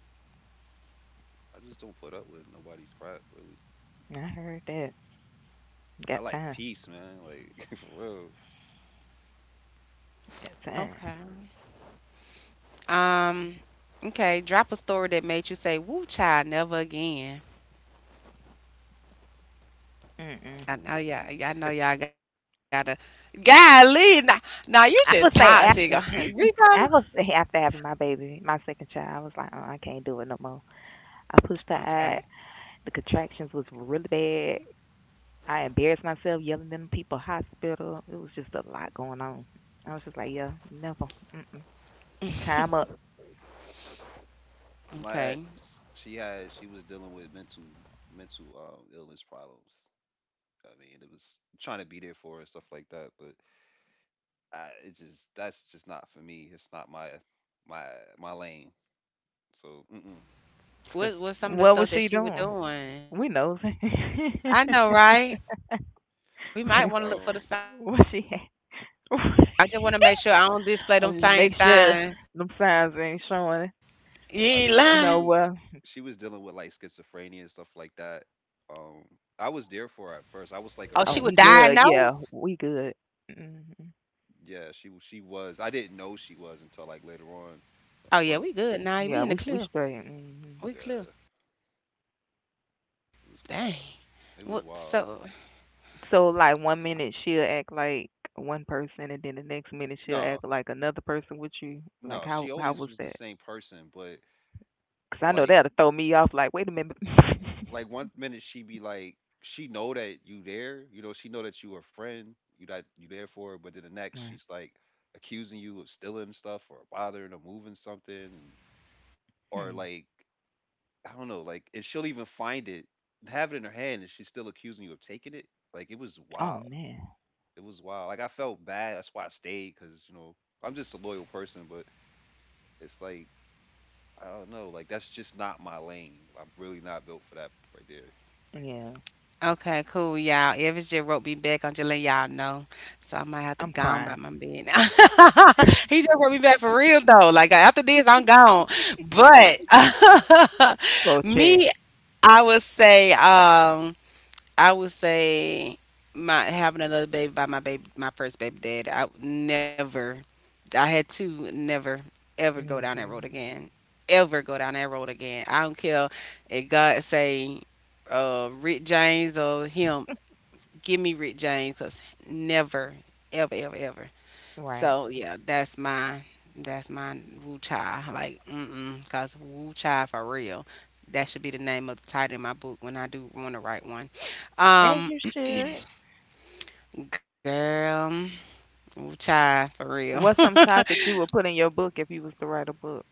I just don't put up with nobody's crap really.
I heard that.
I
Got
like
time.
peace, man. Like for real.
Got time.
Okay. Um, okay, drop a story that made you say, "Woo, child, never again."
Mm-mm.
I know y'all. I know y'all gotta. Golly, now, now you
I would
just
say
toxic.
after
Rico.
I would say after having my baby, my second child, I was like, uh, I can't do it no more. I pushed her out.
Okay,
The contractions was really bad. I embarrassed myself yelling at them people hospital. It was just a lot going on. I was just like, yeah, never. Mm-mm. Time up.
My
okay.
ex, she had she was dealing with mental mental um illness problems. I mean, it was trying to be there for her and stuff like that, but I, it's just that's just not for me. It's not my my my lane. So mm-mm.
What was some of the
What was
stuff that
she
she was
doing?
doing?
We knows.
I know, right? We might
like
want to look for the
um,
sign.
what she had.
I just want to make sure I don't display
I'm
them
just
same
make sure
signs.
them signs ain't showing.
You
I
ain't
mean
You
like
lying.
know
she was
what?
she was dealing with like schizophrenia and stuff like that. Um, I was there for her at first. I was like a
Oh,
Oh,
she
friend
we
would
for her.
good. Yeah,
diagnose.
we good. Hmm
Yeah, she w- she was. I didn't know she was until like later on.
Oh yeah,
But
we good now. We
Yeah,
in the
we we
clear.
straight. Hmm
We clear.
uh, it was
Dang.
wild. It was
What?
wild.
So
So like one minute she'll act like one person, and then the next minute she'll act
No,
like another person with you. Like
no,
how
she
how
always
was
was the
that?
same person, but
Because I know
like
that'll throw me off like, wait a minute.
like one minute she be like she know that you there, you know, she know that you a friend, you that you there for her, but then the next
Right.
she's like accusing you of stealing stuff or bothering or moving something or
hmm.
like I don't know, like, and she'll even find it, have it in her hand and she's still accusing you of taking it. Like it was
Oh,
wild,
man.
it was wild. Like I felt bad, that's why I stayed, because you know I'm just a loyal person, but it's like I don't know, like that's just not my lane, I'm really not built for that right there.
Yeah.
okay, cool, y'all. Evans just wrote me back. I'm just letting y'all know. So I might have to
I'm
go on by
crying.
my bed now. he just wrote me back for real though. Like after this, I'm gone. But
Go check.
me, I would say, um, I would say my having another baby by my baby my first baby dad. I would never I had to never ever go down that road
Hmm
again. Ever go down that road again. I don't care if God say uh Rick James or him, give me Rick James 'cause never, ever, ever, ever.
Right.
So yeah, that's my that's my Wu Chai. Like, mm-mm, cause Wu Chai for real. That should be the name of the title in my book when I do want to write one.
As
Um,
you should.
Girl, ooh, child, for real.
What's some topics you would put in your book if you was to write a book?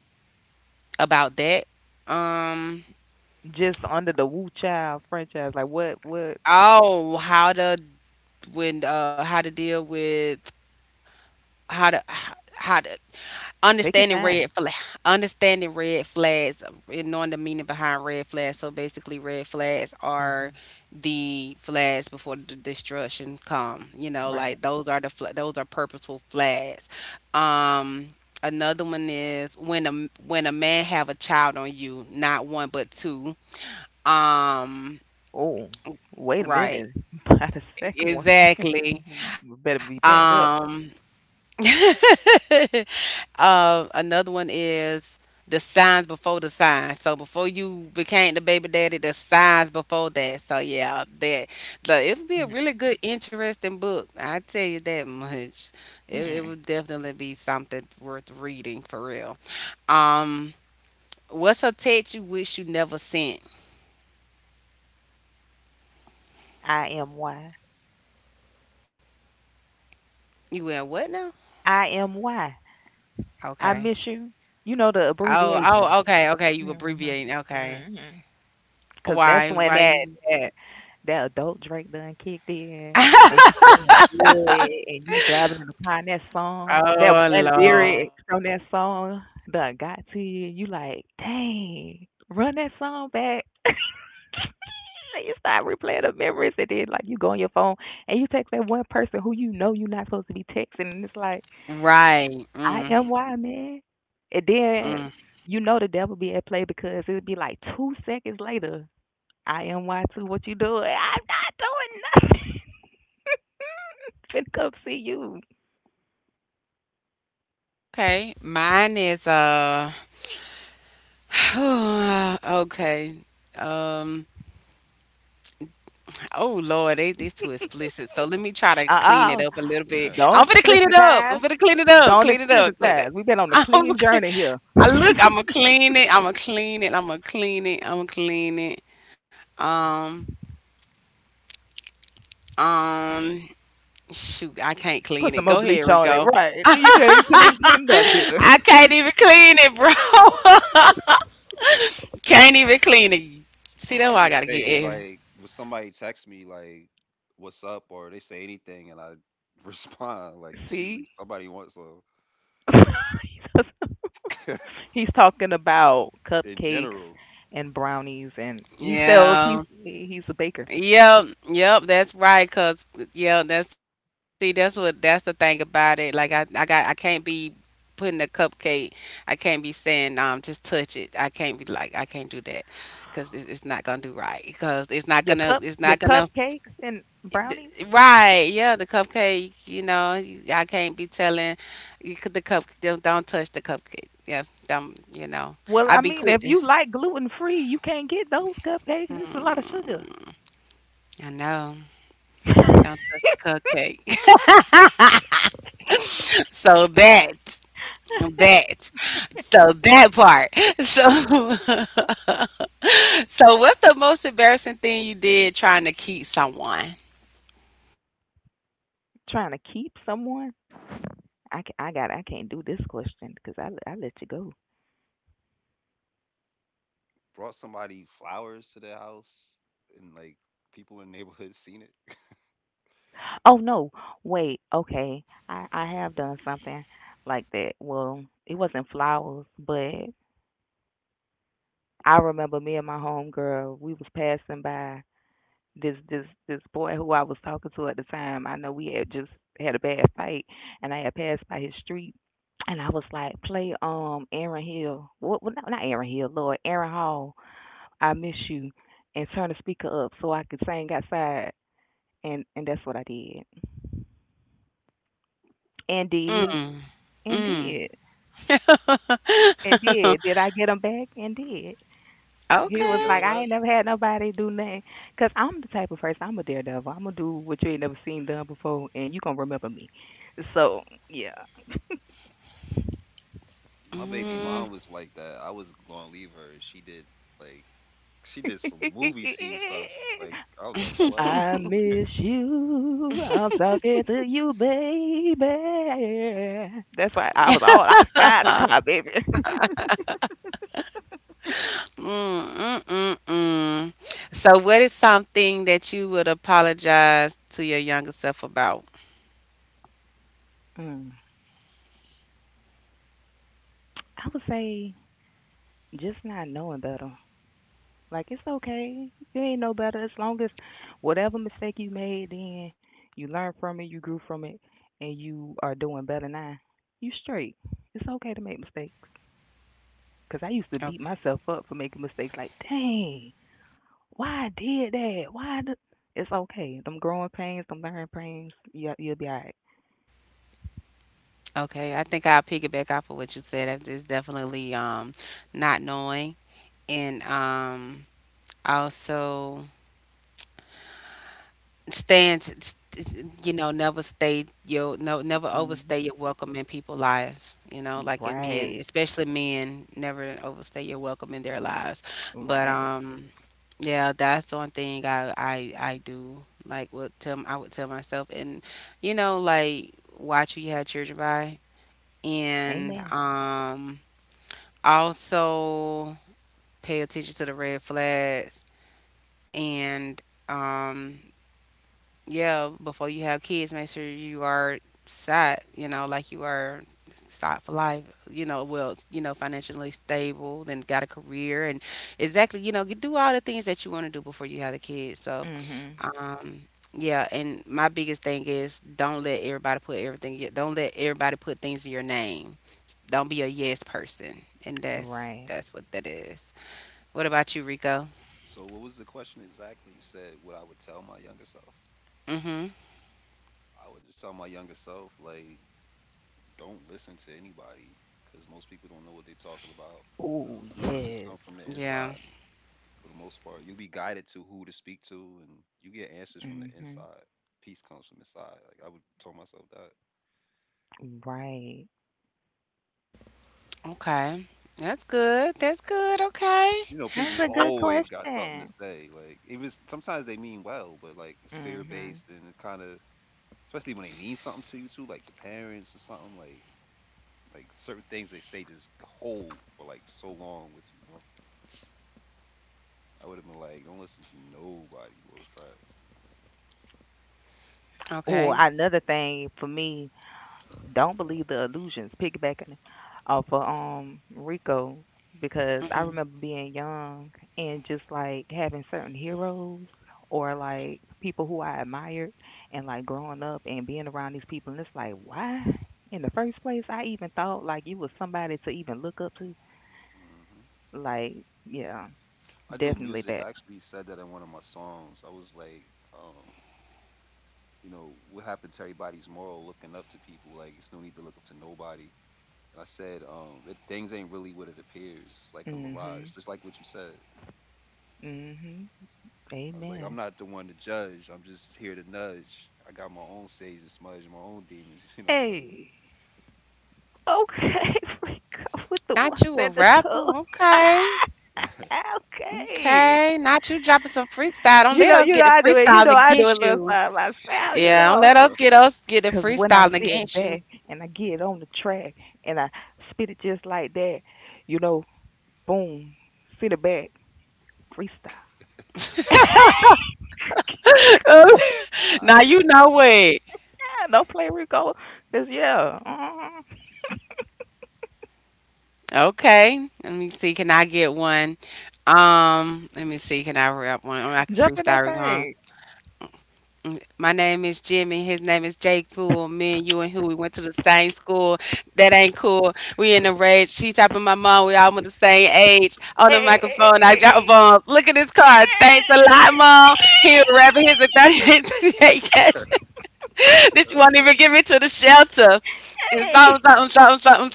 About that. Um.
Just under the Woo Child franchise. Like, what, what?
Oh, how to when uh how to deal with how to how to
Take your
understanding
time.
red flag understanding red flags and knowing the meaning behind red flags, so basically red flags are
Hmm
the flags before the destruction come, you know,
Right.
like those are the fl- those are purposeful flags. um Another one is when a when a man have a child on you, not one but two. um
Oh, wait a
right,
minute. By the second one,
exactly.
you better be packed
um
up.
Uh, another one is the signs before the sign. So before you became the baby daddy, the signs before that. So yeah, that the it would be a
Mhm.
really good, interesting book. I tell you that much. It it
Mm.
would definitely be something worth reading for real. Um, what's a text you wish you never sent?
I am why.
You went what now?
I am why. I
Okay.
miss you. You know the
Oh oh
abbreviation.
okay okay. You
Mhm.
abbreviating. Okay.
Mhm. Cause that's
Why
when
why
that
you?
that that adult Drake done kicked in, and you feeling good, and you driving in the car. And that song, that
Oh,
one
Lord.
lyric from that song, done got to you. You like, dang, run that song back. you start replaying the memories, and then like you go on your phone and you text that one person who you know you're not supposed to be texting, and it's like
Right.
I
Mm,
am why, man. And then
mm.
you know the devil be at play because it'd be like two seconds later. I am why too. What you doing? I'm not doing nothing. Finna come see you.
Okay, mine is uh okay. Um oh, Lord, they this too explicit. So let me try to
Uh
clean it
uh-uh. uh.
up a little
Do
bit. I'm
not
gonna clean it up. I'm
explicitize.
gonna clean it up.
Don't
Clean it up. Clean it.
explicitize. We've been on a
I'm gonna
clean
clean.
journey here.
I look. I'm gonna clean it. I'm gonna clean it. I'm gonna clean it. I'm gonna clean it. Um um Shoot, I can't clean
Put
it.
some
Go
more
ahead,
bleach on it,
Rico.
right? Then you can you couldn't even clean it up good.
I can't even clean it, bro. Can't even clean it. See,
I
that's
would
why I
just
gotta
say
get.
like when somebody texts me like what's up or they say anything and I respond, like it's usually
See,
somebody wants some.
he's talking about
In
cupcakes
general,
and brownies, and he sells. He's
Yeah.
he's a baker.
Yep. Yep. That's right. Cause yeah. That's see. That's what. That's the thing about it. Like I. I got. I can't be putting a cupcake. I can't be saying um. Just touch it. I can't be like. I can't do that. Cause it's, it's not gonna do right. Cause it's not gonna.
Your
It's
cup,
not
your
gonna.
cupcakes and brownies.
Right. Yeah. The cupcake. You know. you- I can't be telling. You could the cup. Don't, don't touch the cupcake. Yeah. Don't. You know.
Well,
I
I
be
mean, if
quick.
you like gluten free, you can't get those cupcakes. It's a lot of sugar.
I know. Don't touch the cupcake. So that. That. So that part. So so what's the most embarrassing thing you did trying to keep someone?
Trying to keep someone. I ca I got. I can't do this question because I I let you go.
brought somebody flowers to their house and like people in the neighborhood seen it.
Oh no, wait. Okay, I I have done something like that. Well, it wasn't flowers, but I remember me and my homegirl. We was passing by this this this boy who I was talking to at the time. I know we had just had a bad fight, and I had passed by his street, and I was like, "Play um Aaron Hill, what well, not Aaron Hill, Lord, Aaron Hall, I miss you," and turn the speaker up so I could sing outside, and and that's what I did, and did,
Mm.
and
Mm.
did, and did. Did I get him back? And did. He
Did you
was
get them
like,
Okay.
I
back?
ain't never had nobody do nothing. Cause I'm the type of person, I'm a daredevil. I'm gonna do what you ain't never seen done before, and you gonna remember me. So yeah.
My baby mom was like that. I was gonna leave her. And she did like she did some movie scene stuff. Like I was like, what?
I miss you. I'm talking to you, baby. That's why I was all I outside the car, baby.
Mm, mm, mm. mm. So what is something that you would apologize to your younger self about?
Mm. I would say just not knowing better. Like it's okay. You ain't no better. As long as whatever mistake you made then you learn from it, you grew from it, and you are doing better now. You straight. It's okay to make mistakes. Cause I used to beat
Okay.
myself up for making mistakes like, dang, why I did that? Why I d it's okay. Them growing pains, them learning pains, you you'll be alright.
Okay, I think I'll piggyback off of what you said. That is definitely um not knowing, and um also Stand, you know, never stay your no, never overstay
Mhm.
your welcome in people's lives. You know, like in men,
Right.
especially men, never overstay your welcome in their lives. But
Right.
um, yeah, that's one thing I I I do like what tell I would tell myself, and you know, like watch who you have children by, and
Amen.
um, also pay attention to the red flags, and um yeah, before you have kids, make sure you are set, you know, like you are set for life, you know, well, you know, financially stable, then got a career and exactly, you know, you do all the things that you want to do before you have the kids. So,
Mhm.
um, yeah, and my biggest thing is don't let everybody put everything, yeah, don't let everybody put things in your name. Don't be a yes person. And that's
Right.
that's what that is. What about you, Rico?
So what was the question exactly? You said what I would tell my younger self.
Mhm.
I would just tell my younger self like don't listen to anybody because most people don't know what they're talking about.
Oh
The answers
yes.
come from the
Yeah.
inside for the most part. You'll be guided to who to speak to, and you get answers from the
Mhm.
inside. Peace comes from inside. Like I would tell myself that.
Right.
Okay. That's good. That's good. Okay.
You know,
That's
people
a good
always got something to
question.
say. Like even s- sometimes they mean well, but like it's fear
Hmm.
based and it kind of, especially when they mean something to you too, like your parents or something. Like like certain things they say just hold for like so long with you. You know? I would have been like, don't listen to nobody. What was crap.
Well,
Okay.
another thing for me, don't believe the illusions. Piggybacking off of um Rico, because I
Mm-mm.
remember being young and just like having certain heroes or like people who I admired, and like growing up and being around these people, and it's like, why in the first place I even thought like you was somebody to even look up to.
Hmm.
Like, yeah,
I do
definitely
music.
that.
I actually said that in one of my songs. I was like, um, you know, what happened to everybody's moral looking up to people? Like, it's no need to look up to nobody. And I said, um, it, things ain't really what it appears, like a mirage,
Mhm.
just like what you said.
Mhm.
I was like, I'm
Amen.
not the one to judge. I'm just here to nudge. I got my own sage and smudge, my own demons. You know, like,
Hey, okay, we go with the
Not
ones
you a
and the
rapper.
twos.
Okay.
Okay,
Okay. Not you dropping some freestyle. Don't
you
let
know,
us
you know,
get the
I do it. You
freestyling
know, I do it
against
a little
you.
by myself. You
Yeah, don't
know,
let us
uh-uh,
get us get the
because when I
freestyling
sit
against you.
back and I get on the track and I spit it just like that, you know, boom, sit it back, freestyle.
all
Now
right,
you know what.
Yeah, no play Rico, cause yeah, mm,
Okay. Let me see. Can I get one? Um, let me see. Can I rap one? Or I can
jump in that
freestyle one.
thing.
My name is Jimmy. His name is Jake Poole. Me and you and who? We went to the same school. That ain't cool. We in the rage. She tapping my mom. We all went the same age. On the
Hey,
microphone, I drop
hey.
bombs. Look at this car. Thanks a lot, mom. Here, rapper. Here's a thirty-eight cash. This you won't
uh,
even give me to the shelter. And
Hey.
something,
Hey.
something, something, something,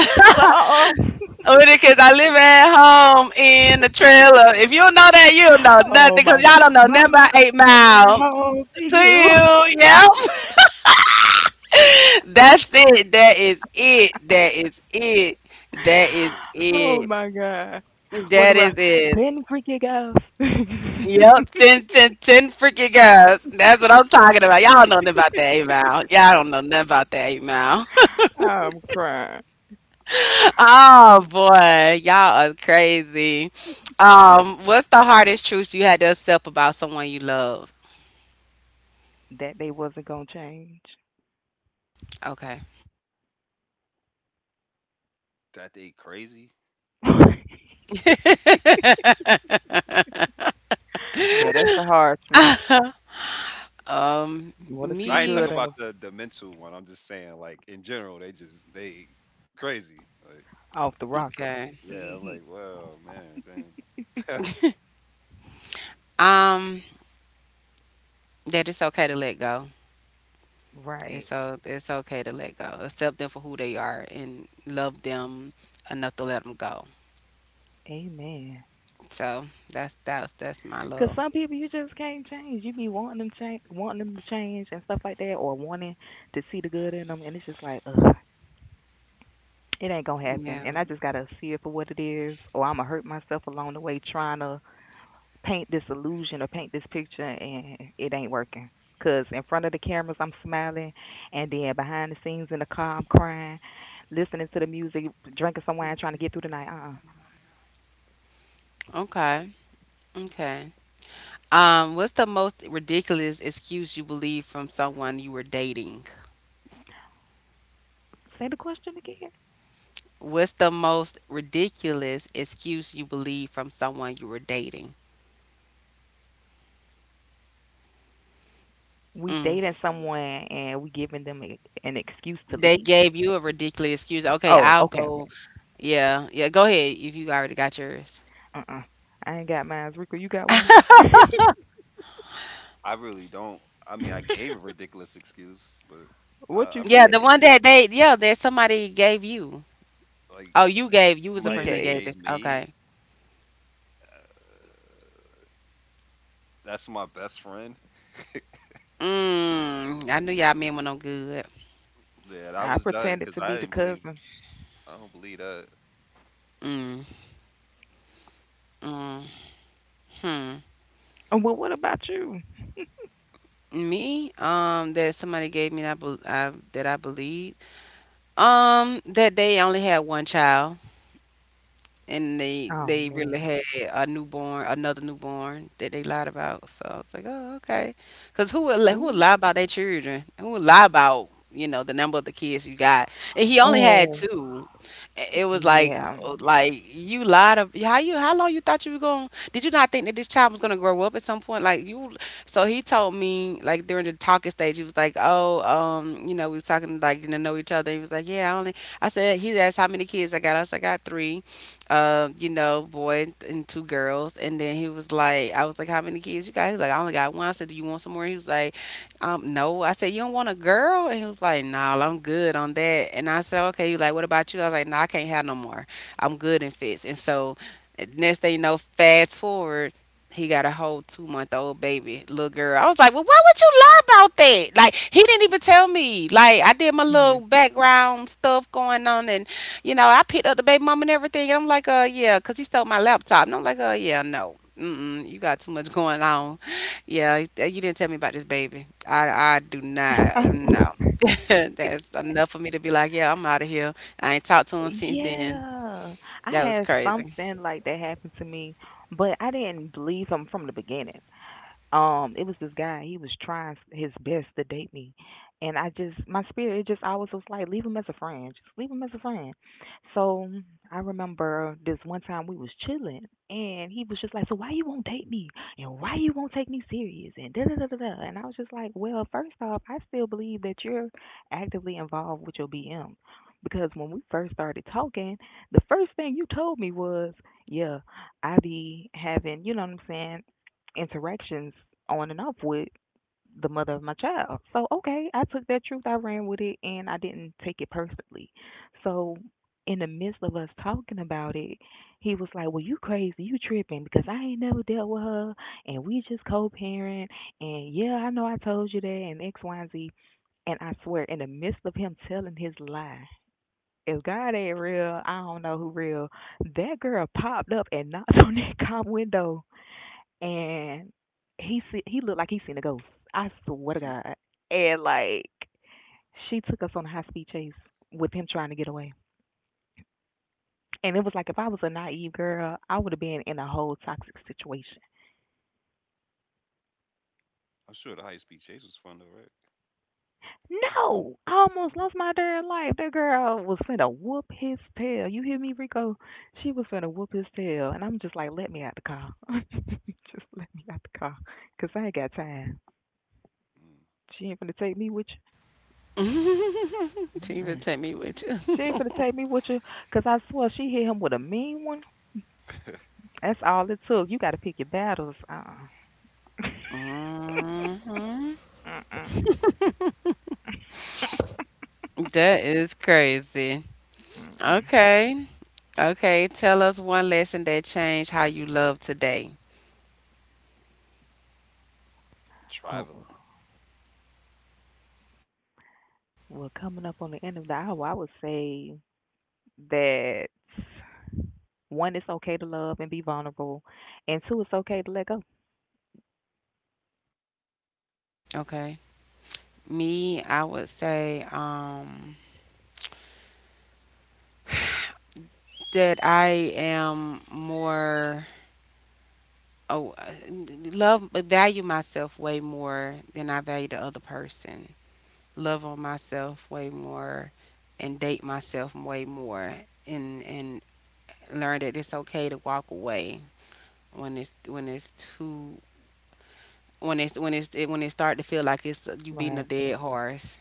something.
So, um,
Because I live at home in the trailer. If you know that, you don't know
oh
nothing. Because
my god.
y'all don't know nothing
Mama,
about eight
I'm coming
Mile
home to
to
you.
you. Yep. That's it. That is it. That is it. That is
Oh
uh,
it.
my god. What
That is
about
it.
ten freaky girls?
Yep. Ten, ten, ten freaking guys. That's what I'm talking about. Y'all don't know nothing about that email. Y'all don't know nothing about that email.
I'm crying.
Oh boy. Y'all are crazy. Um, what's the hardest truth you had to accept about someone you love?
That they wasn't going to change.
Okay.
that they crazy.
Yeah, that's the hard truth.
um,
You want to see the
I ain't
me.
talking
good in
about
them
the the mental one. I'm just saying, like in general, they just they crazy. Like,
off the rocker.
Okay.
yeah, I'm
Hmm.
like, wow, man, dang.
Um, that it's okay to let go.
Right.
It's o- it's okay to let go. Accept them for who they are and love them enough to let them go.
Amen.
So that's that's that's my
Because
love.
some people you just can't change. You be wanting them change, wanting them to change and stuff like that, or wanting to see the good in them, and it's just like, ugh, it ain't gonna happen.
Yeah.
And I just gotta see it for what it is, or I'ma hurt myself along the way trying to paint this illusion or paint this picture, and it ain't working. Cause in front of the cameras I'm smiling, and then behind the scenes in the car I'm crying, listening to the music, drinking some wine, trying to get through the night. Uh, uh
Okay. Okay. Um, what's the most ridiculous excuse you believe from someone you were dating?
say the question again.
What's the most ridiculous excuse you believe from someone you were dating?
We
Mm.
dating someone and we giving them a, an excuse to
They
leave.
gave you a ridiculous excuse. Okay,
Oh,
I'll
okay,
go.
okay.
Yeah, yeah. Go ahead if you already got yours.
Uh, uh I ain't got mine. Rico, you got one?
I really don't. I mean, I gave a ridiculous excuse, but
What
I, I
you
Yeah,
really
the
said?
one that they yeah that somebody gave you.
like
Oh, you gave you was the
He
somebody
person that
that
gave.
gave
gave
this. Okay.
me. uh, That's my best friend.
Mm, I knew y'all men were no good.
That I
I
was done
pretended
because
to be
I
the
didn't believe.
cousin.
I don't believe that.
Mm, mm, hmm.
Oh, well, what about you?
Me, um, that somebody gave me that I, bel- I that I believe. Um, that they only had one child, and they
Oh
they really
man.
had a newborn, another newborn, that they lied about. So I was like, oh, okay, because who would li- who would
Ooh.
lie about their children? Who would lie about, you know, the number of the kids you got? And he only had
Oh
two. I- It was like,
yeah.
oh, like you lied of how you how long you thought you were going? Did you not think that this child was gonna grow up at some point? Like you. So he told me like during the talking stage, he was like, oh, um, you know, we were talking like getting to know each other. He was like, yeah, I only. I said he asked how many kids I got. I was like, I got three um, you know, boy and two girls. And then he was like, I was like, how many kids you got? He was like, I only got one. I said, do you want some more? He was like, um, no. I said, you don't want a girl? And he was like, no, nah, I'm good on that. And I said, okay. He was like, what about you? I was like, no, I can't have no more. I'm good in fits. And so next thing you know, fast forward, he got a whole two month old baby, little girl. I was like, well, why would you lie about that? Like, he didn't even tell me. Like, I did my
Hmm.
little background stuff going on, and you know, I picked up the baby mama and everything, and I'm like, uh, yeah, 'cause he stole my laptop. And I'm like, uh, yeah, no, mm-mm, you got too much going on. Yeah, you you didn't tell me about this baby. I, I do not, no. That's enough for me to be like, yeah, I'm out of here. I ain't talked to him since then.
Yeah. I
That was
had
crazy.
something like that happen to me, but I didn't believe him from the beginning. Um, it was this guy. He was trying his best to date me, and I just, my spirit, it just always was like leave him as a friend, just leave him as a friend. So I remember this one time we was chilling, and he was just like, so why you won't date me and why you won't take me serious and da da da da da. And I was just like, well, first off, I still believe that you're actively involved with your BM, because when we first started talking, the first thing you told me was, yeah, I be having, you know what I'm saying, interactions on and off with the mother of my child. So, okay, I took that truth, I ran with it, and I didn't take it personally. So, in the midst of us talking about it, he was like, well, you crazy, you tripping because I ain't never dealt with her, and we just co parent, and yeah, I know I told you that, and X, Y, and Z. And I swear, in the midst of him telling his lie, if God ain't real, I don't know who real. That girl popped up and knocked on that cop window, and he see, he looked like he seen a ghost. I swear to God. And like she took us on a high speed chase with him trying to get away. And it was like if I was a naive girl, I would have been in a whole toxic situation.
I'm sure the high speed chase was fun though, right?
No, I almost
Mhm.
lost my damn life. That girl was finna whoop his tail. You hear me, Rico? She was finna whoop his tail, and I'm just like, let me out the car. Just let me out the car, cause I ain't got time.
Mm.
She ain't finna take me with
So you
you.
even
Mm-mm.
take me with you.
She ain't finna take me with you, 'cause I swear she hit him with a mean one. That's all it took. You got to pick your battles. Uh-uh.
Mhm.
Mm-mm.
That is crazy.
Mm-mm.
Okay. Okay. Tell us one lesson that changed how you love today.
Oh,
Traveling.
well, coming up on the end of the hour, I would say that one, it's okay to love and be vulnerable, and two, it's okay to let go.
Okay. Me, I would say um, that I am more oh, uh, love value myself way more than I value the other person. Love on myself way more, and date myself way more, and and learn that it's okay to walk away when it's when it's too when it's when it's when it start to feel like it's you beating a
Right.
dead horse.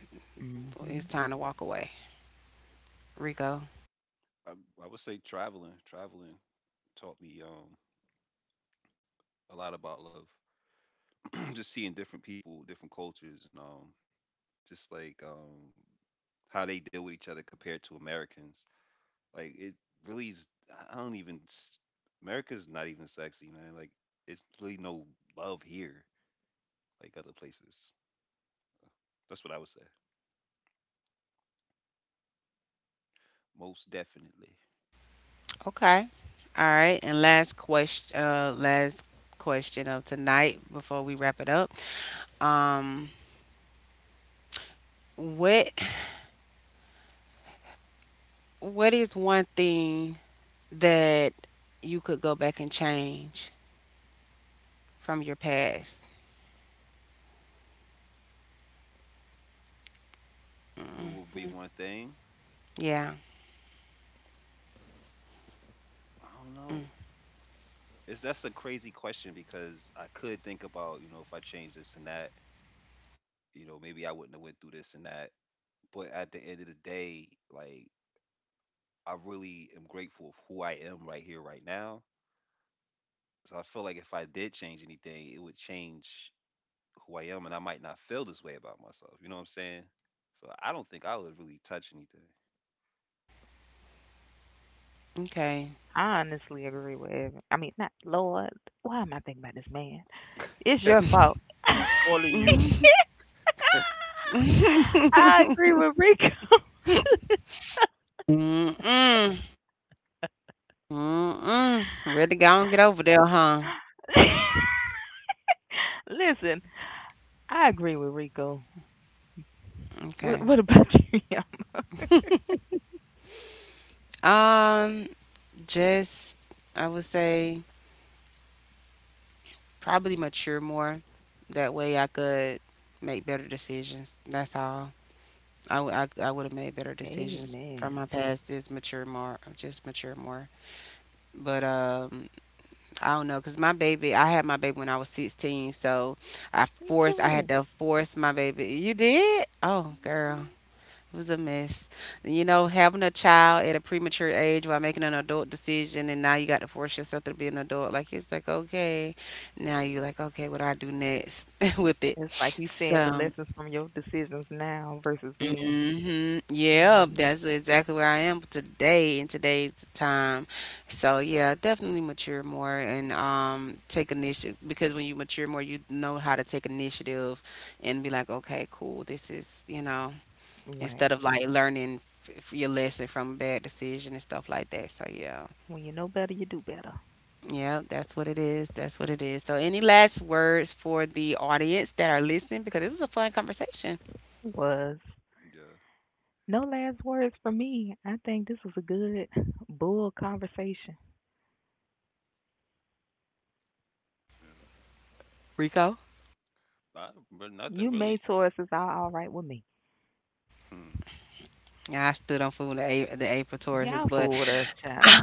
It's
Hmm.
time to walk away, Rico.
I, I would say traveling. Traveling taught me um a lot about love. Just seeing different people, different cultures, and um just like um how they deal with each other compared to Americans. Like it really is. I don't even. S- America's not even sexy, man. Like it's really no love here, like other places. That's what I would say. Most definitely.
Okay. All right. And last question, uh, last question of tonight before we wrap it up. Um, what what is one thing that you could go back and change from your past?
What would be one thing?
Yeah.
I don't know. It's that's a crazy question because I could think about, you know, if I change this and that, you know, maybe I wouldn't have went through this and that. But at the end of the day, like I really am grateful of who I am right here, right now. So I feel like if I did change anything, it would change who I am, and I might not feel this way about myself. You know what I'm saying? So I don't think I would really touch anything.
Okay.
I honestly agree with Evan. I mean, not Lord. Why am I thinking about this man? It's your fault.
He's calling you.
I agree with Rico.
Mm-mm. Mm-mm. Ready to go and get over there, huh?
Listen, I agree with Rico. What,
Okay.
what about you, Yama?
Um, just I would say probably mature more. That way I could make better decisions. That's all. I, w- I, I would have made better decisions
Amen.
from my past is mature more, just mature more. But um, I don't know, cause my baby, I had my baby when I was sixteen, so I
Me
forced, I had
too.
to force my baby. You did? Oh, girl. It was a mess. You know, having a child at a premature age while making an adult decision, and now you got to force yourself to be an adult. Like, it's like, okay, now you're like, okay, what do I do next with it?
It's like you seeing the
So,
lessons from your decisions now versus then.
hmm, yeah,
Hmm.
that's exactly where I am today in today's time. So, yeah, definitely mature more and um, take initiative because when you mature more, you know how to take initiative and be like, okay, cool, this is, you know
Right.
Instead of like learning f- your lesson from a bad decision and stuff like that. So yeah,
When you know better, you do better.
yeah, that's what it is. That's what it is. So any last words for the audience that are listening, because it was a fun conversation,
Was
Yeah,
no last words for me. I think this was a good bull conversation.
yeah.
Rico.
I, but
You
nothing
made
really.
choices all, all right with me.
Hmm.
Yeah, I stood on food the, a- the April Tauruses,
Y'all
but
fool with us, child.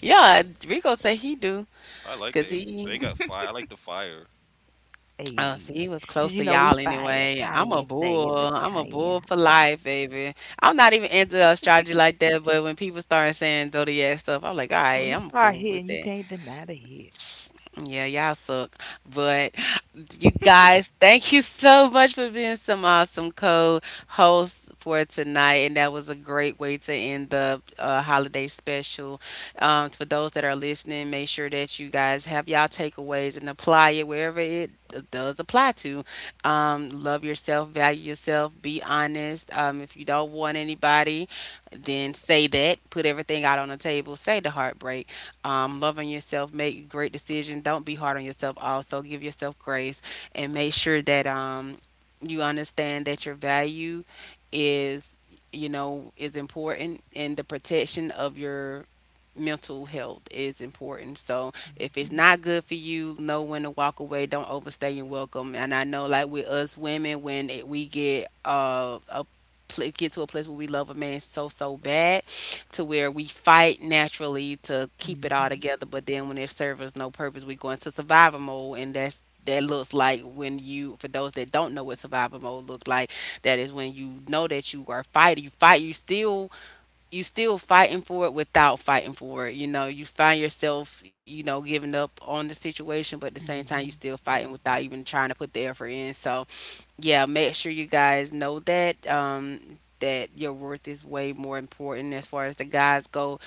yeah, Rico say he do
I like the
because
April. So they
he
got fire. I like the fire.
Oh, see,
Hey.
he was
'Cause
close
you
to
know we
y'all
fire
anyway. I'm
Kanye
a
and stay in
bull.
the
I'm a
Kanye.
bull for life, baby. I'm not even into astrology like that, but when people started saying zodiac stuff, I'm like, all right,
When it
I'm
start
cool
hitting,
with
you
that.
can't deny the hit.
Yeah, y'all suck. But you guys, thank you so much for being some awesome co-hosts for tonight. And that was a great way to end the uh, holiday special. Um, for those that are listening, make sure that you guys have y'all takeaways and apply it wherever it does apply to. Um, love yourself, value yourself, be honest. Um, if you don't want anybody, then say that. Put everything out on the table. Say the heartbreak, um, loving yourself, make great decisions. Don't be hard on yourself. Also, give yourself grace and make sure that um, you understand that your value is, you know, is important, and the protection of your mental health is important. So if it's
Hmm.
not good for you, know when to walk away. Don't overstay your welcome. And I know, like with us women, when it, we get uh, a pl- get to a place where we love a man so so bad to where we fight naturally to keep it all
Hmm.
together. But then when it serves no purpose, we go into survival mode, and that's that looks like when you, for those that don't know what survival mode look like, that is when you know that you are fighting, you fight, you still you still fighting for it without fighting for it, you know, you find yourself, you know, giving up on the situation, but at the same time you
Hmm.
still fighting without even trying to put the effort in. So yeah, make sure you guys know that um, that your worth is way more important as far as the guys go.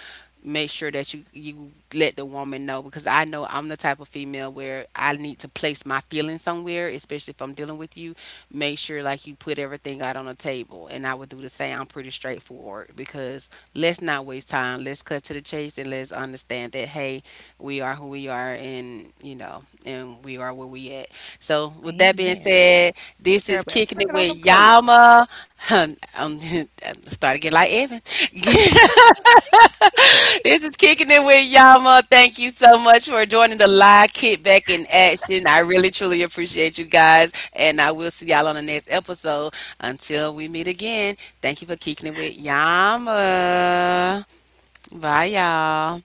Make sure that you you let the woman know, because I know I'm the type of female where I need to place my feelings somewhere, especially if I'm dealing with you. Make sure like you put everything out on the table, and I would do the same. I'm pretty straightforward because let's not waste time. Let's cut to the chase and let's understand that hey, we are who we are, and you know, and we are where we at. So with that being
Amen.
said. This is
Everybody
kicking it
working on
with
them clothes.
Yama. Um, started getting like Evan. This is kicking it with Yama. Thank you so much for joining the live kick back in action. I really truly appreciate you guys, and I will see y'all on the next episode. Until we meet again, thank you for kicking it with Yama. Bye, y'all.